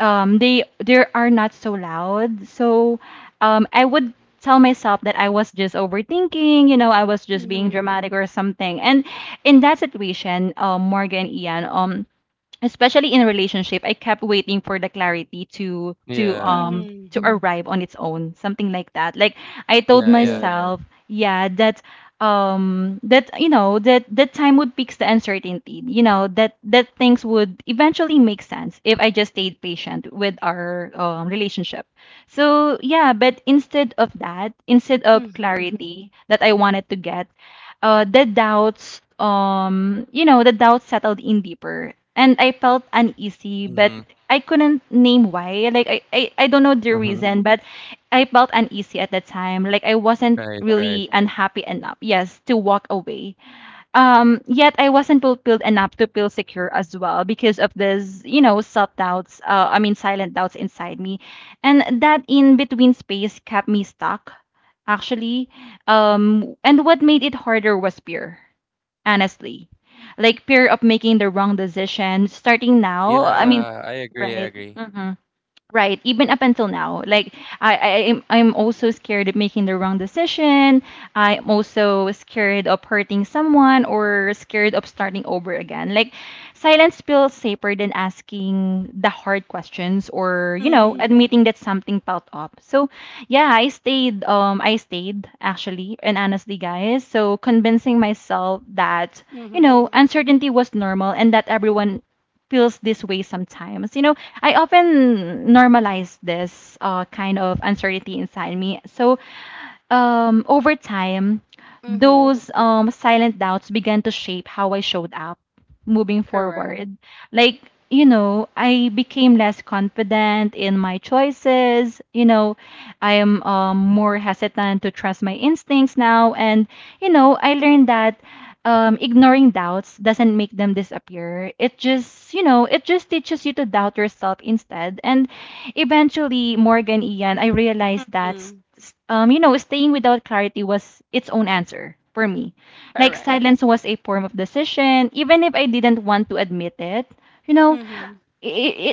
um they they are not so loud. So um I would tell myself that I was just overthinking. You know, I was just being
Mm-hmm.
dramatic or something. And in that situation, um Morgan, Ian, um especially in a relationship, I kept waiting for the clarity to to
Yeah.
um
Mm-hmm.
to arrive on its own, something like that. Like I told, yeah,
Yeah. Yeah.
myself, yeah, that um that you know that that time would fix the uncertainty, you know, that that things would eventually make sense if I just stayed patient with our um, relationship. So yeah, but instead of that, instead of
Mm-hmm.
clarity that I wanted to get, uh the doubts, um you know, the doubts settled in deeper, and I felt uneasy, but
Mm-hmm.
I couldn't name why. Like I, I, I don't know the
Mm-hmm.
reason, but I felt uneasy at the time. Like I wasn't
Right. Right.
really unhappy enough, yes, to walk away. Um, yet I wasn't fulfilled enough to feel secure as well because of this, you know, self doubts, uh, I mean, silent doubts inside me. And that in between space kept me stuck, actually. Um, and what made it harder was fear, honestly. Like fear of making the wrong decision starting now. I mean,
Yeah. I agree. I
right.
agree.
Mm-hmm. Right, even up until now, like I, I am, I'm also scared of making the wrong decision. I'm also scared of hurting someone or scared of starting over again. Like silence feels safer than asking the hard questions, or you know,
Mm-hmm.
admitting that something felt off. So yeah, I stayed. Um, I stayed actually, and honestly, guys, so convincing myself that you
Mm-hmm.
know, uncertainty was normal and that everyone feels this way sometimes. You know, I often normalize this uh, kind of uncertainty inside me. So, um, over time,
Mm-hmm.
those um, silent doubts began to shape how I showed up moving
Correct.
forward. Like, you know, I became less confident in my choices. You know, I am um, more hesitant to trust my instincts now. And, you know, I learned that um, ignoring doubts doesn't make them disappear. It just, you know, it just teaches you to doubt yourself instead. And eventually, Morgan, Ian, I realized that, s-
Mm-hmm.
s- um, you know, staying without clarity was its own answer for me. Like
Correct.
silence was a form of decision, even if I didn't want to admit it. You know,
Mm-hmm.
it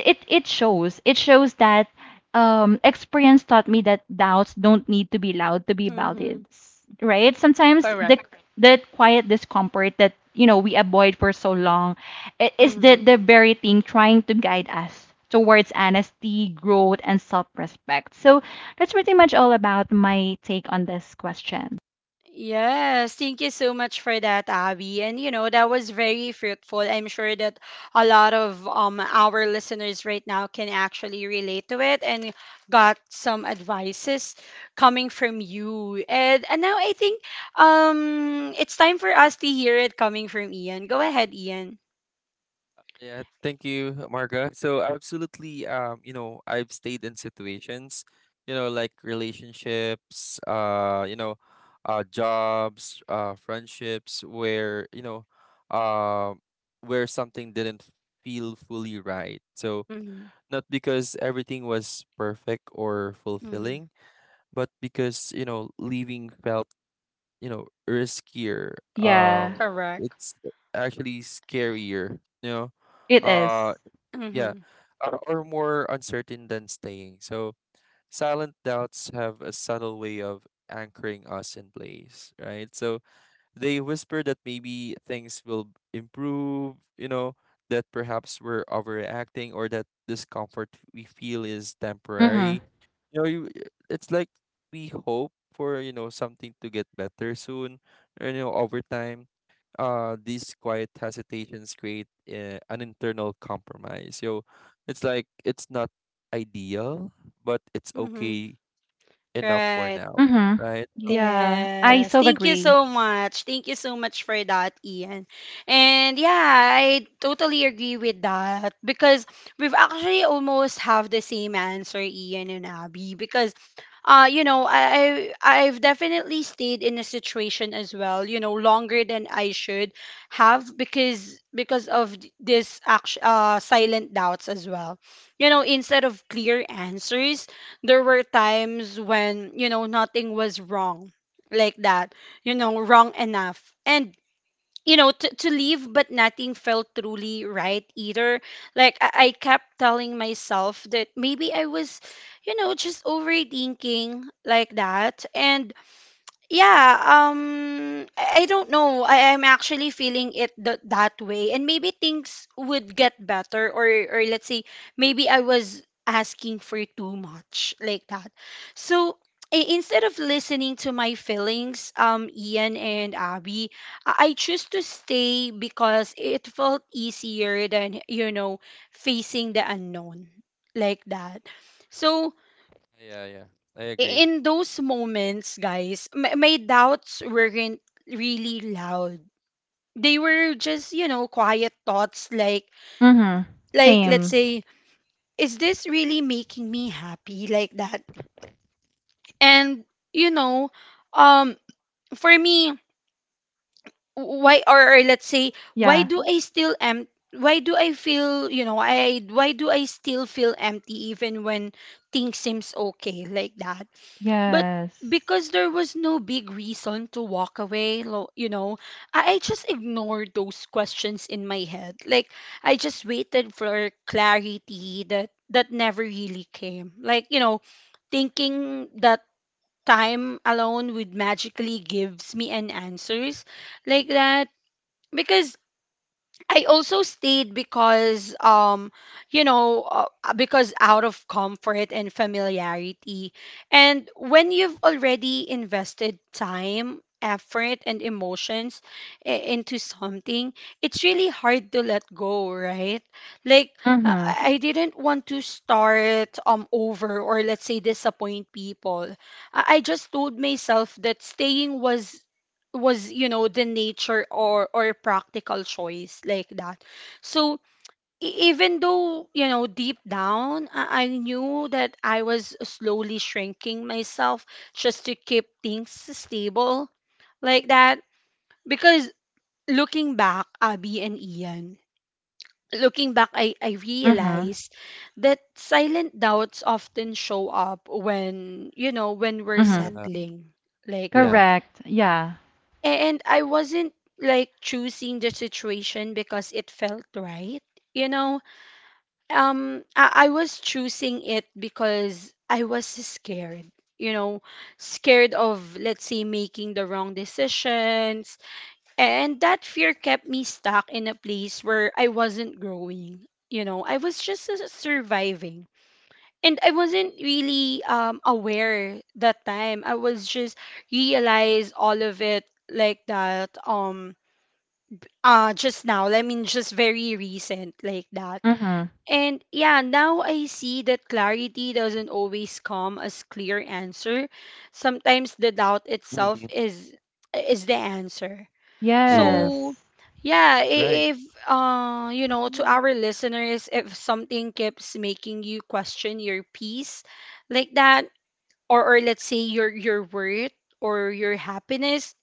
it, it shows. It shows that um, experience taught me that doubts don't need to be loud to be
Mm-hmm.
valid, s- right? Sometimes the
Correct.
the quiet discomfort that you know we avoid for so long i- is the
Mm-hmm.
the very thing trying to guide us towards honesty, growth, and self-respect. So that's pretty much all about my take on this question.
Yes, thank you so much for that, Abby. And you know, that was very fruitful. I'm sure that a lot of um our listeners right now can actually relate to it and got some advices coming from you. And and now I think um it's time for us to hear it coming from Ian. Go ahead, Ian.
Yeah, thank you, Marga. So absolutely, um, you know, I've stayed in situations, you know, like relationships, uh, you know, uh, jobs, uh, friendships, where you know, uh, where something didn't feel fully right. So
Mm-hmm.
not because everything was perfect or
Mm-hmm.
fulfilling, but because you know, leaving felt you know riskier.
Yeah,
Um,
Correct.
it's actually scarier. You know.
it
Uh,
is.
yeah,
Mm-hmm.
uh, or more uncertain than staying. So silent doubts have a subtle way of anchoring us in place, right? So they whisper that maybe things will improve, you know, that perhaps we're overreacting or that discomfort we feel is
Mhm.
temporary. You know, you, it's like we hope for, you know, something to get better soon, or, you know, over time. Uh, these quiet hesitations create uh, an internal compromise. So it's like it's not ideal, but it's
Mm-hmm.
okay enough for
Right.
now,
Mhm.
right? So-
Yeah, I
Yes.
so
Thank you
agree.
so much. Thank you so much for that, Ian. And yeah, I totally agree with that, because we've actually almost have the same answer, Ian and Abby. Because uh, you know, I, I I've definitely stayed in a situation as well, you know, longer than I should have, because because of th- this act, uh, silent doubts as well. You know, instead of clear answers, there were times when you know nothing was wrong, like that, you know, wrong enough and you know to, to leave, but nothing felt truly right either. Like I, I kept telling myself that maybe I was, you know, just overthinking, like that. And yeah, um i I don't know, I, I'm actually feeling it th- that way, and maybe things would get better, or or let's say maybe I was asking for too much, like that. So i- instead of listening to my feelings, um Ian and Abby, i I choose to stay because it felt easier than, you know, facing the unknown, like that. So
Yeah, yeah, I agree.
in those moments, guys, m- my doubts weren't really loud. They were just, you know, quiet thoughts like
Mhm.
like let's
Same.
say, is this really making me happy, like that? And you know, um for me, why, or, or let's say, why
Yeah.
do I still am why do I feel, you know, I why do I still feel empty even when things seems okay, like that? But
Yes.
because there was no big reason to walk away, lo- you know, I, I just ignored those questions in my head. Like I just waited for clarity that that never really came. Like, you know, thinking that time alone would magically gives me an answers, like that. Because I also stayed because um you know uh, because out of comfort and familiarity. And when you've already invested time, effort, and emotions i- into something, it's really hard to let go, right? Like uh,
Mhm.
I I didn't want to start um over, or let's say disappoint people. I I just told myself that staying was was you know, the nature or or practical choice, like that. So e- even though you know deep down i I knew that I was slowly shrinking myself just to keep things stable, like that. Because, looking back, Abby and Ian, looking back, i i
Mhm.
realized that silent doubts often show up when you know, when we're
Mhm.
Yeah.
settling, like
Yeah.
that.
Correct. Yeah.
And I wasn't like choosing the situation because it felt right. You know, um, I, I was choosing it because I was scared. You know, scared of, let's say, making the wrong decisions. And that fear kept me stuck in a place where I wasn't growing. You know, I was just s- surviving. And I wasn't really um, aware that time. I was just realized all of it, like that. Um, uh just now, I mean, just very recent, like that.
Mhm.
And yeah, now I see that clarity doesn't always come as clear answer. Sometimes the doubt itself
Mhm.
is is the answer.
Yeah.
So
Yes.
yeah, i-
Right.
if uh you know, to our listeners, if something keeps making you question your peace, like that, or or let's say your your worth or your happiness,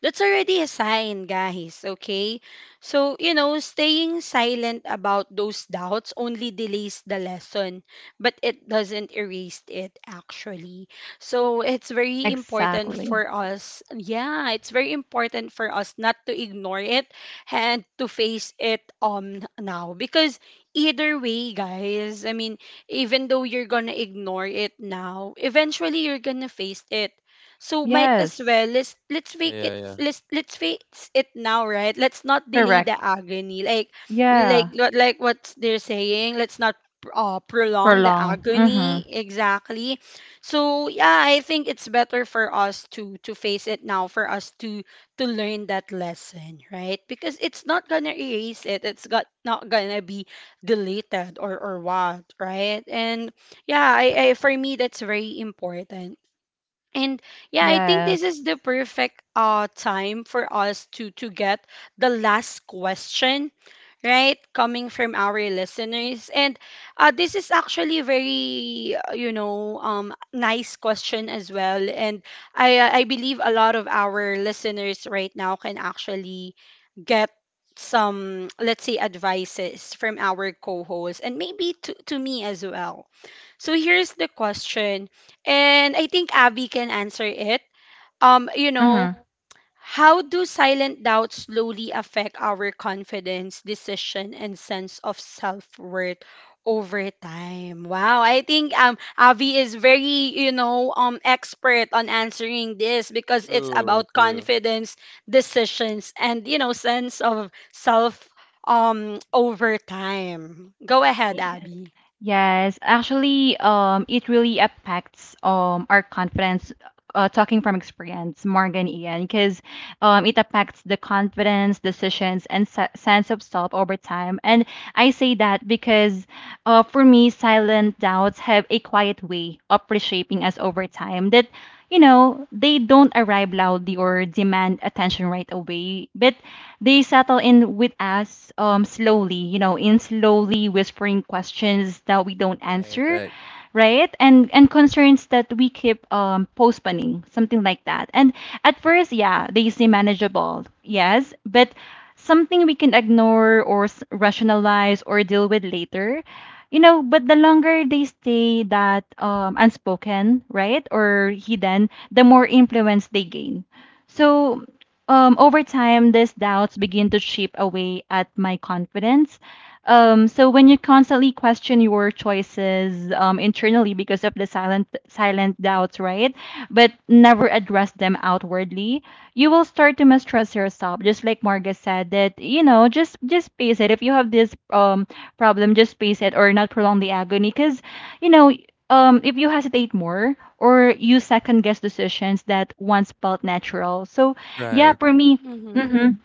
that's already a sign, guys, okay? So, you know, staying silent about those doubts only delays the lesson, but it doesn't erase it, actually. So, it's very important
Exactly.
for us. Yeah, it's very important for us not to ignore it and to face it um now. Because either way, guys, I mean, even though you're gonna ignore it now, eventually you're gonna face it. So might as well,
Yes.
let's let's fake
Yeah,
it
yeah.
let's let's face it now, right? Let's not delay the
Correct.
agony. Like like
Yeah.
what, like what they're saying, let's not uh, prolong the
Prolong.
agony,
Mhm.
exactly. So yeah, I think it's better for us to to face it now, for us to to learn that lesson, right? Because it's not gonna erase it. It's got not gonna be deleted or or what, right? And yeah, I, I for me, that's very important. And yeah, I think this is
Yes.
the perfect uh time for us to to get the last question, right, coming from our listeners. And uh, this is actually very uh, you know um, nice question as well. And i uh, i believe a lot of our listeners right now can actually get some, let's say, advices from our co-hosts, and maybe to, to me as well. So here's the question, and I think Abby can answer it. um you know,
Mhm.
how do silent doubts slowly affect our confidence, decision, and sense of self-worth over time? Wow, I think um Avi is very, you know, um expert on answering this, because it's
True,
about
true.
confidence, decisions, and you know, sense of self um over time. Go ahead, Abby.
Yes, actually, um, it really affects um our confidence. Uh, talking from experience, Morgan, Ian, because um, it affects the confidence, decisions, and se- sense of self over time. And I say that because uh, for me, silent doubts have a quiet way of reshaping us over time that, you know, they don't arrive loudly or demand attention right away, but they settle in with us um, slowly, you know, in slowly whispering questions that we don't
Right,
answer,
right,
right, and and concerns that we keep um postponing, something like that. And at first, yeah, they seem manageable, yes, but something we can ignore or s- rationalize or deal with later. You know, but the longer they stay that um, unspoken, right, or hidden, the more influence they gain. So um, over time these doubts begin to chip away at my confidence. um, so when you constantly question your choices um, internally because of the silent silent doubts, right? But never address them outwardly, you will start to mistrust yourself. Just like Marga said, that you know, just just face it. If you have this um problem, just face it or not prolong the agony. Because you know, um, if you hesitate more or you second guess decisions that once felt natural. So yeah,
right.
for me.
Mm-hmm.
Mhm.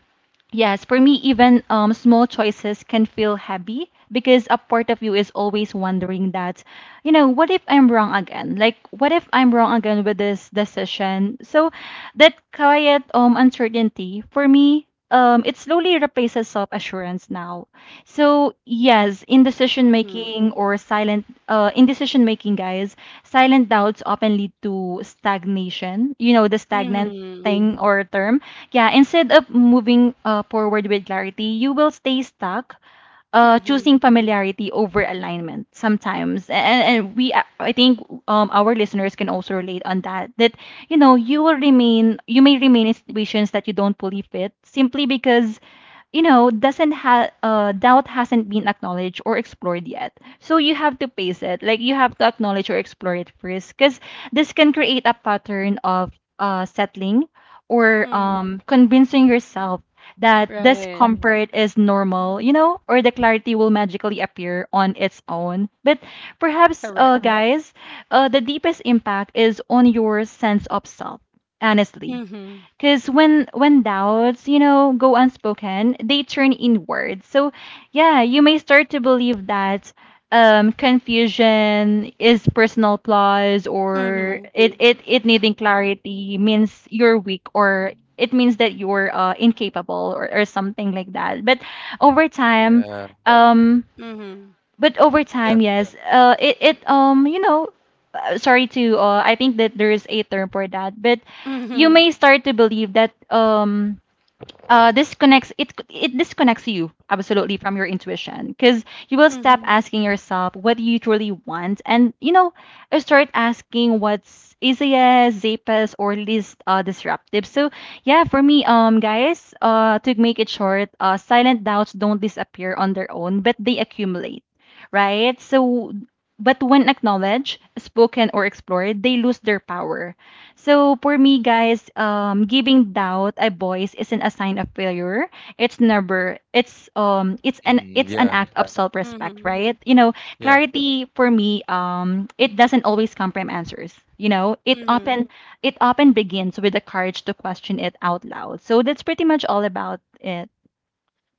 Yes, for me, even um, small choices can feel heavy because a part of you is always wondering that, you know, what if I'm wrong again? Like, what if I'm wrong again with this decision? So, that quiet um uncertainty for me, um, it slowly replaces self assurance now. So yes, in decision
Mm-hmm.
making or silent, uh, in decision making, guys, silent doubts often lead to stagnation. You know, the stagnant
Mm-hmm.
thing or term, yeah, instead of moving uh, forward with clarity, you will stay stuck, uh, choosing
Mm-hmm.
familiarity over alignment sometimes, and, and we uh, I think um, our listeners can also relate on that. That you know you will remain you may remain in situations that you don't fully fit simply because you know doesn't have uh, doubt hasn't been acknowledged or explored yet. So you have to face it. Like you have to acknowledge or explore it first, because this can create a pattern of uh, settling or
Mm-hmm.
um, convincing yourself that
Right.
discomfort is normal, you know, or the clarity will magically appear on its own. But perhaps,
Correct.
uh, guys, uh, the deepest impact is on your sense of self, honestly.
Mm-hmm.
Because when when doubts, you know, go unspoken, they turn inward. So yeah, you may start to believe that um, confusion is personal flaws, or
Mm-hmm.
it it it needing clarity means you're weak, or it means that you're uh, incapable, or or something like that. But over time,
Yeah,
right, um,
Mhm.
but over
yeah.
time, yes. Uh, it it um you know, uh, sorry to uh, I think that there is a term for that, but you
Mhm.
may start to believe that um uh, disconnects, it it disconnects you absolutely from your intuition because you will stop
Mhm.
asking yourself what you truly want, and you know start asking what's easiest, safest, or least uh, disruptive. So yeah, for me, um guys, uh to make it short, uh silent doubts don't disappear on their own, but they accumulate, right? So but when acknowledged, spoken, or explored, they lose their power. So for me, guys, um, giving doubt a voice isn't a sign of failure. It's never. It's um. It's an.
Mm,
It's an
yeah,
act of self-respect,
Mhm.
right? You know,
yeah,
clarity for me. Um, it doesn't always come from answers. You know, it
Mhm.
often it often begins with the courage to question it out loud. So that's pretty much all about it.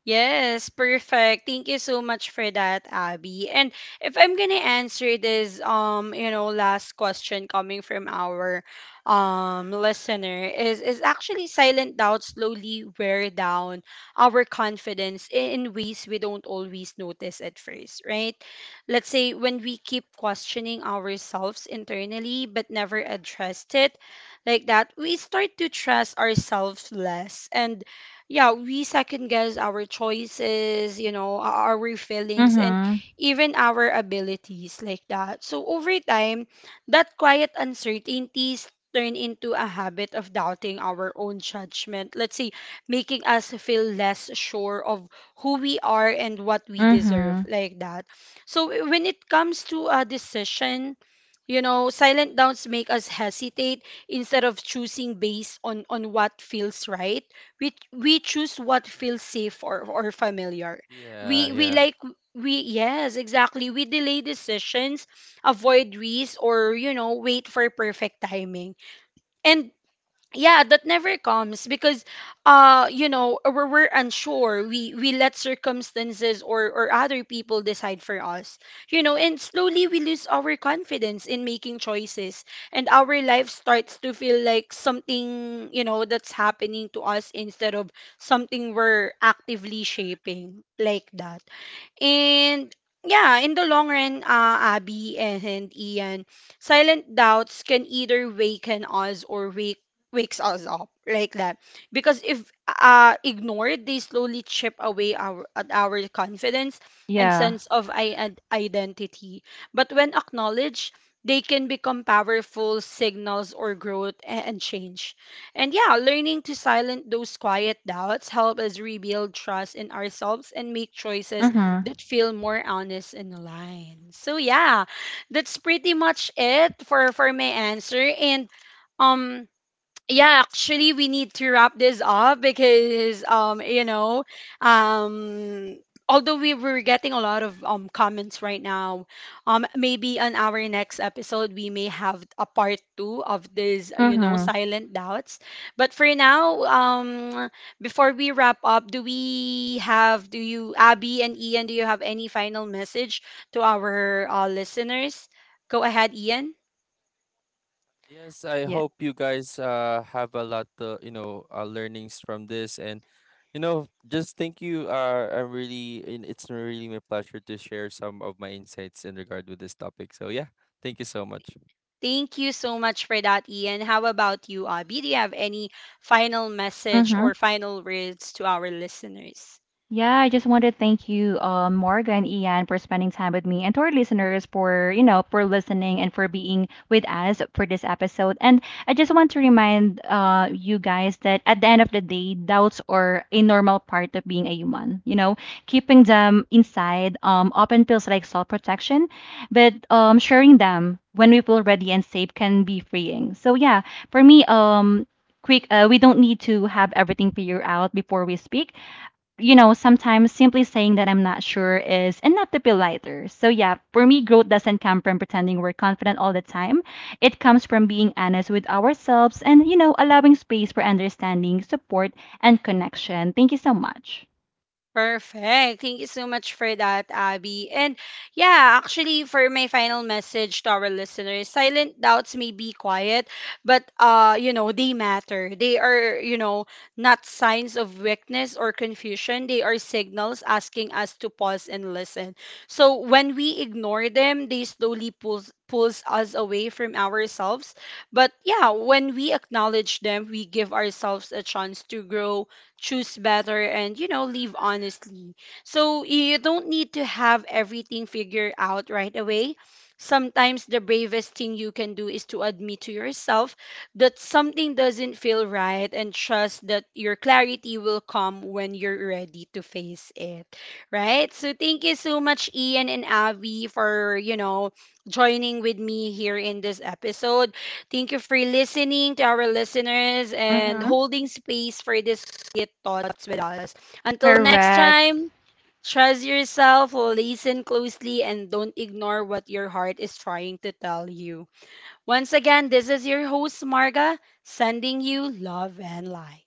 Yes, perfect. Thank you so much for that, Abby. And if I'm gonna answer this, um, you know, last question coming from our um listener, is is actually silent doubt slowly wear down our confidence in, in ways we don't always notice at first, right? Let's say when we keep questioning ourselves internally but never addressed it, like that, we start to trust ourselves less. And yeah, we second guess our choices, you know, our our feelings, and
Mhm.
even our abilities, like that. So over time, that quiet uncertainties turn into a habit of doubting our own judgment. Let's say, making us feel less sure of who we are and what we deserve,
Mhm.
like that. So w- when it comes to a decision, you know, silent doubts make us hesitate. Instead of choosing based on on what feels right, we we choose what feels safe, or, or familiar.
yeah,
We we
yeah.
like we yes, exactly, we delay decisions, avoid risks, or you know, wait for perfect timing. And yeah, that never comes. Because uh you know, we're, we're unsure, we we let circumstances or or other people decide for us, you know, and slowly we lose our confidence in making choices. And our life starts to feel like something, you know, that's happening to us instead of something we're actively shaping, like that. And yeah, in the long run, uh, Abby and Ian, silent doubts can either waken us or wake wakes us up, like that. Because if uh, ignored, they slowly chip away our at our confidence and
Yeah.
sense of i- ad- identity. But when acknowledged, they can become powerful signals or growth a- and change. And yeah, learning to silence those quiet doubts help us rebuild trust in ourselves and make choices
Mhm.
that feel more honest and aligned. So yeah, that's pretty much it for for my answer. And um yeah, actually, we need to wrap this up, because um you know um although we were getting a lot of um comments right now, um maybe on our next episode we may have a part two of this, you know,
Mhm.
silent doubts. But for now, um before we wrap up, do we have do you, Abby and Ian, do you have any final message to our uh, listeners? Go ahead, Ian.
Yes, I
Yeah.
hope you guys uh have a lot of, you know, uh, learnings from this and you know, just thank you. Uh, I'm really, and it's really my pleasure to share some of my insights in regard with this topic. So yeah, thank you so much.
Thank you so much for that, Ian. How about you, Abby? Do you have any final message
Mhm.
or final words to our listeners?
Yeah, I just want to thank you, um, Morgan, and Ian, for spending time with me and to our listeners for, you know, for listening and for being with us for this episode. And I just want to remind uh, you guys that at the end of the day, doubts are a normal part of being a human. You know, keeping them inside um, often feels like self-protection, but um, sharing them when we feel ready and safe can be freeing. So yeah, for me, um, quick, uh, we don't need to have everything figured out before we speak. You know, sometimes simply saying that I'm not sure is enough to be lighter. So, yeah, for me, growth doesn't come from pretending we're confident all the time. It comes from being honest with ourselves and, you know, allowing space for understanding, support, and connection. Thank you so much.
Perfect. Thank you so much for that, Abby. And yeah, actually, for my final message to our listeners, silent doubts may be quiet, but uh, you know, they matter. They are, you know, not signs of weakness or confusion. They are signals asking us to pause and listen. So when we ignore them, they slowly pulls pulls us away from ourselves. But yeah, when we acknowledge them, we give ourselves a chance to grow, choose better, and you know, live honestly. So you don't need to have everything figured out right away. Sometimes the bravest thing you can do is to admit to yourself that something doesn't feel right, and trust that your clarity will come when you're ready to face it, right? So thank you so much, Ian and Avi, for you know, joining with me here in this episode. Thank you for listening to our listeners and
Mm-hmm.
holding space for this Kit Thoughts with us. Until next
Correct.
time, trust yourself, listen closely, and don't ignore what your heart is trying to tell you. Once again, this is your host, Marga, sending you love and light.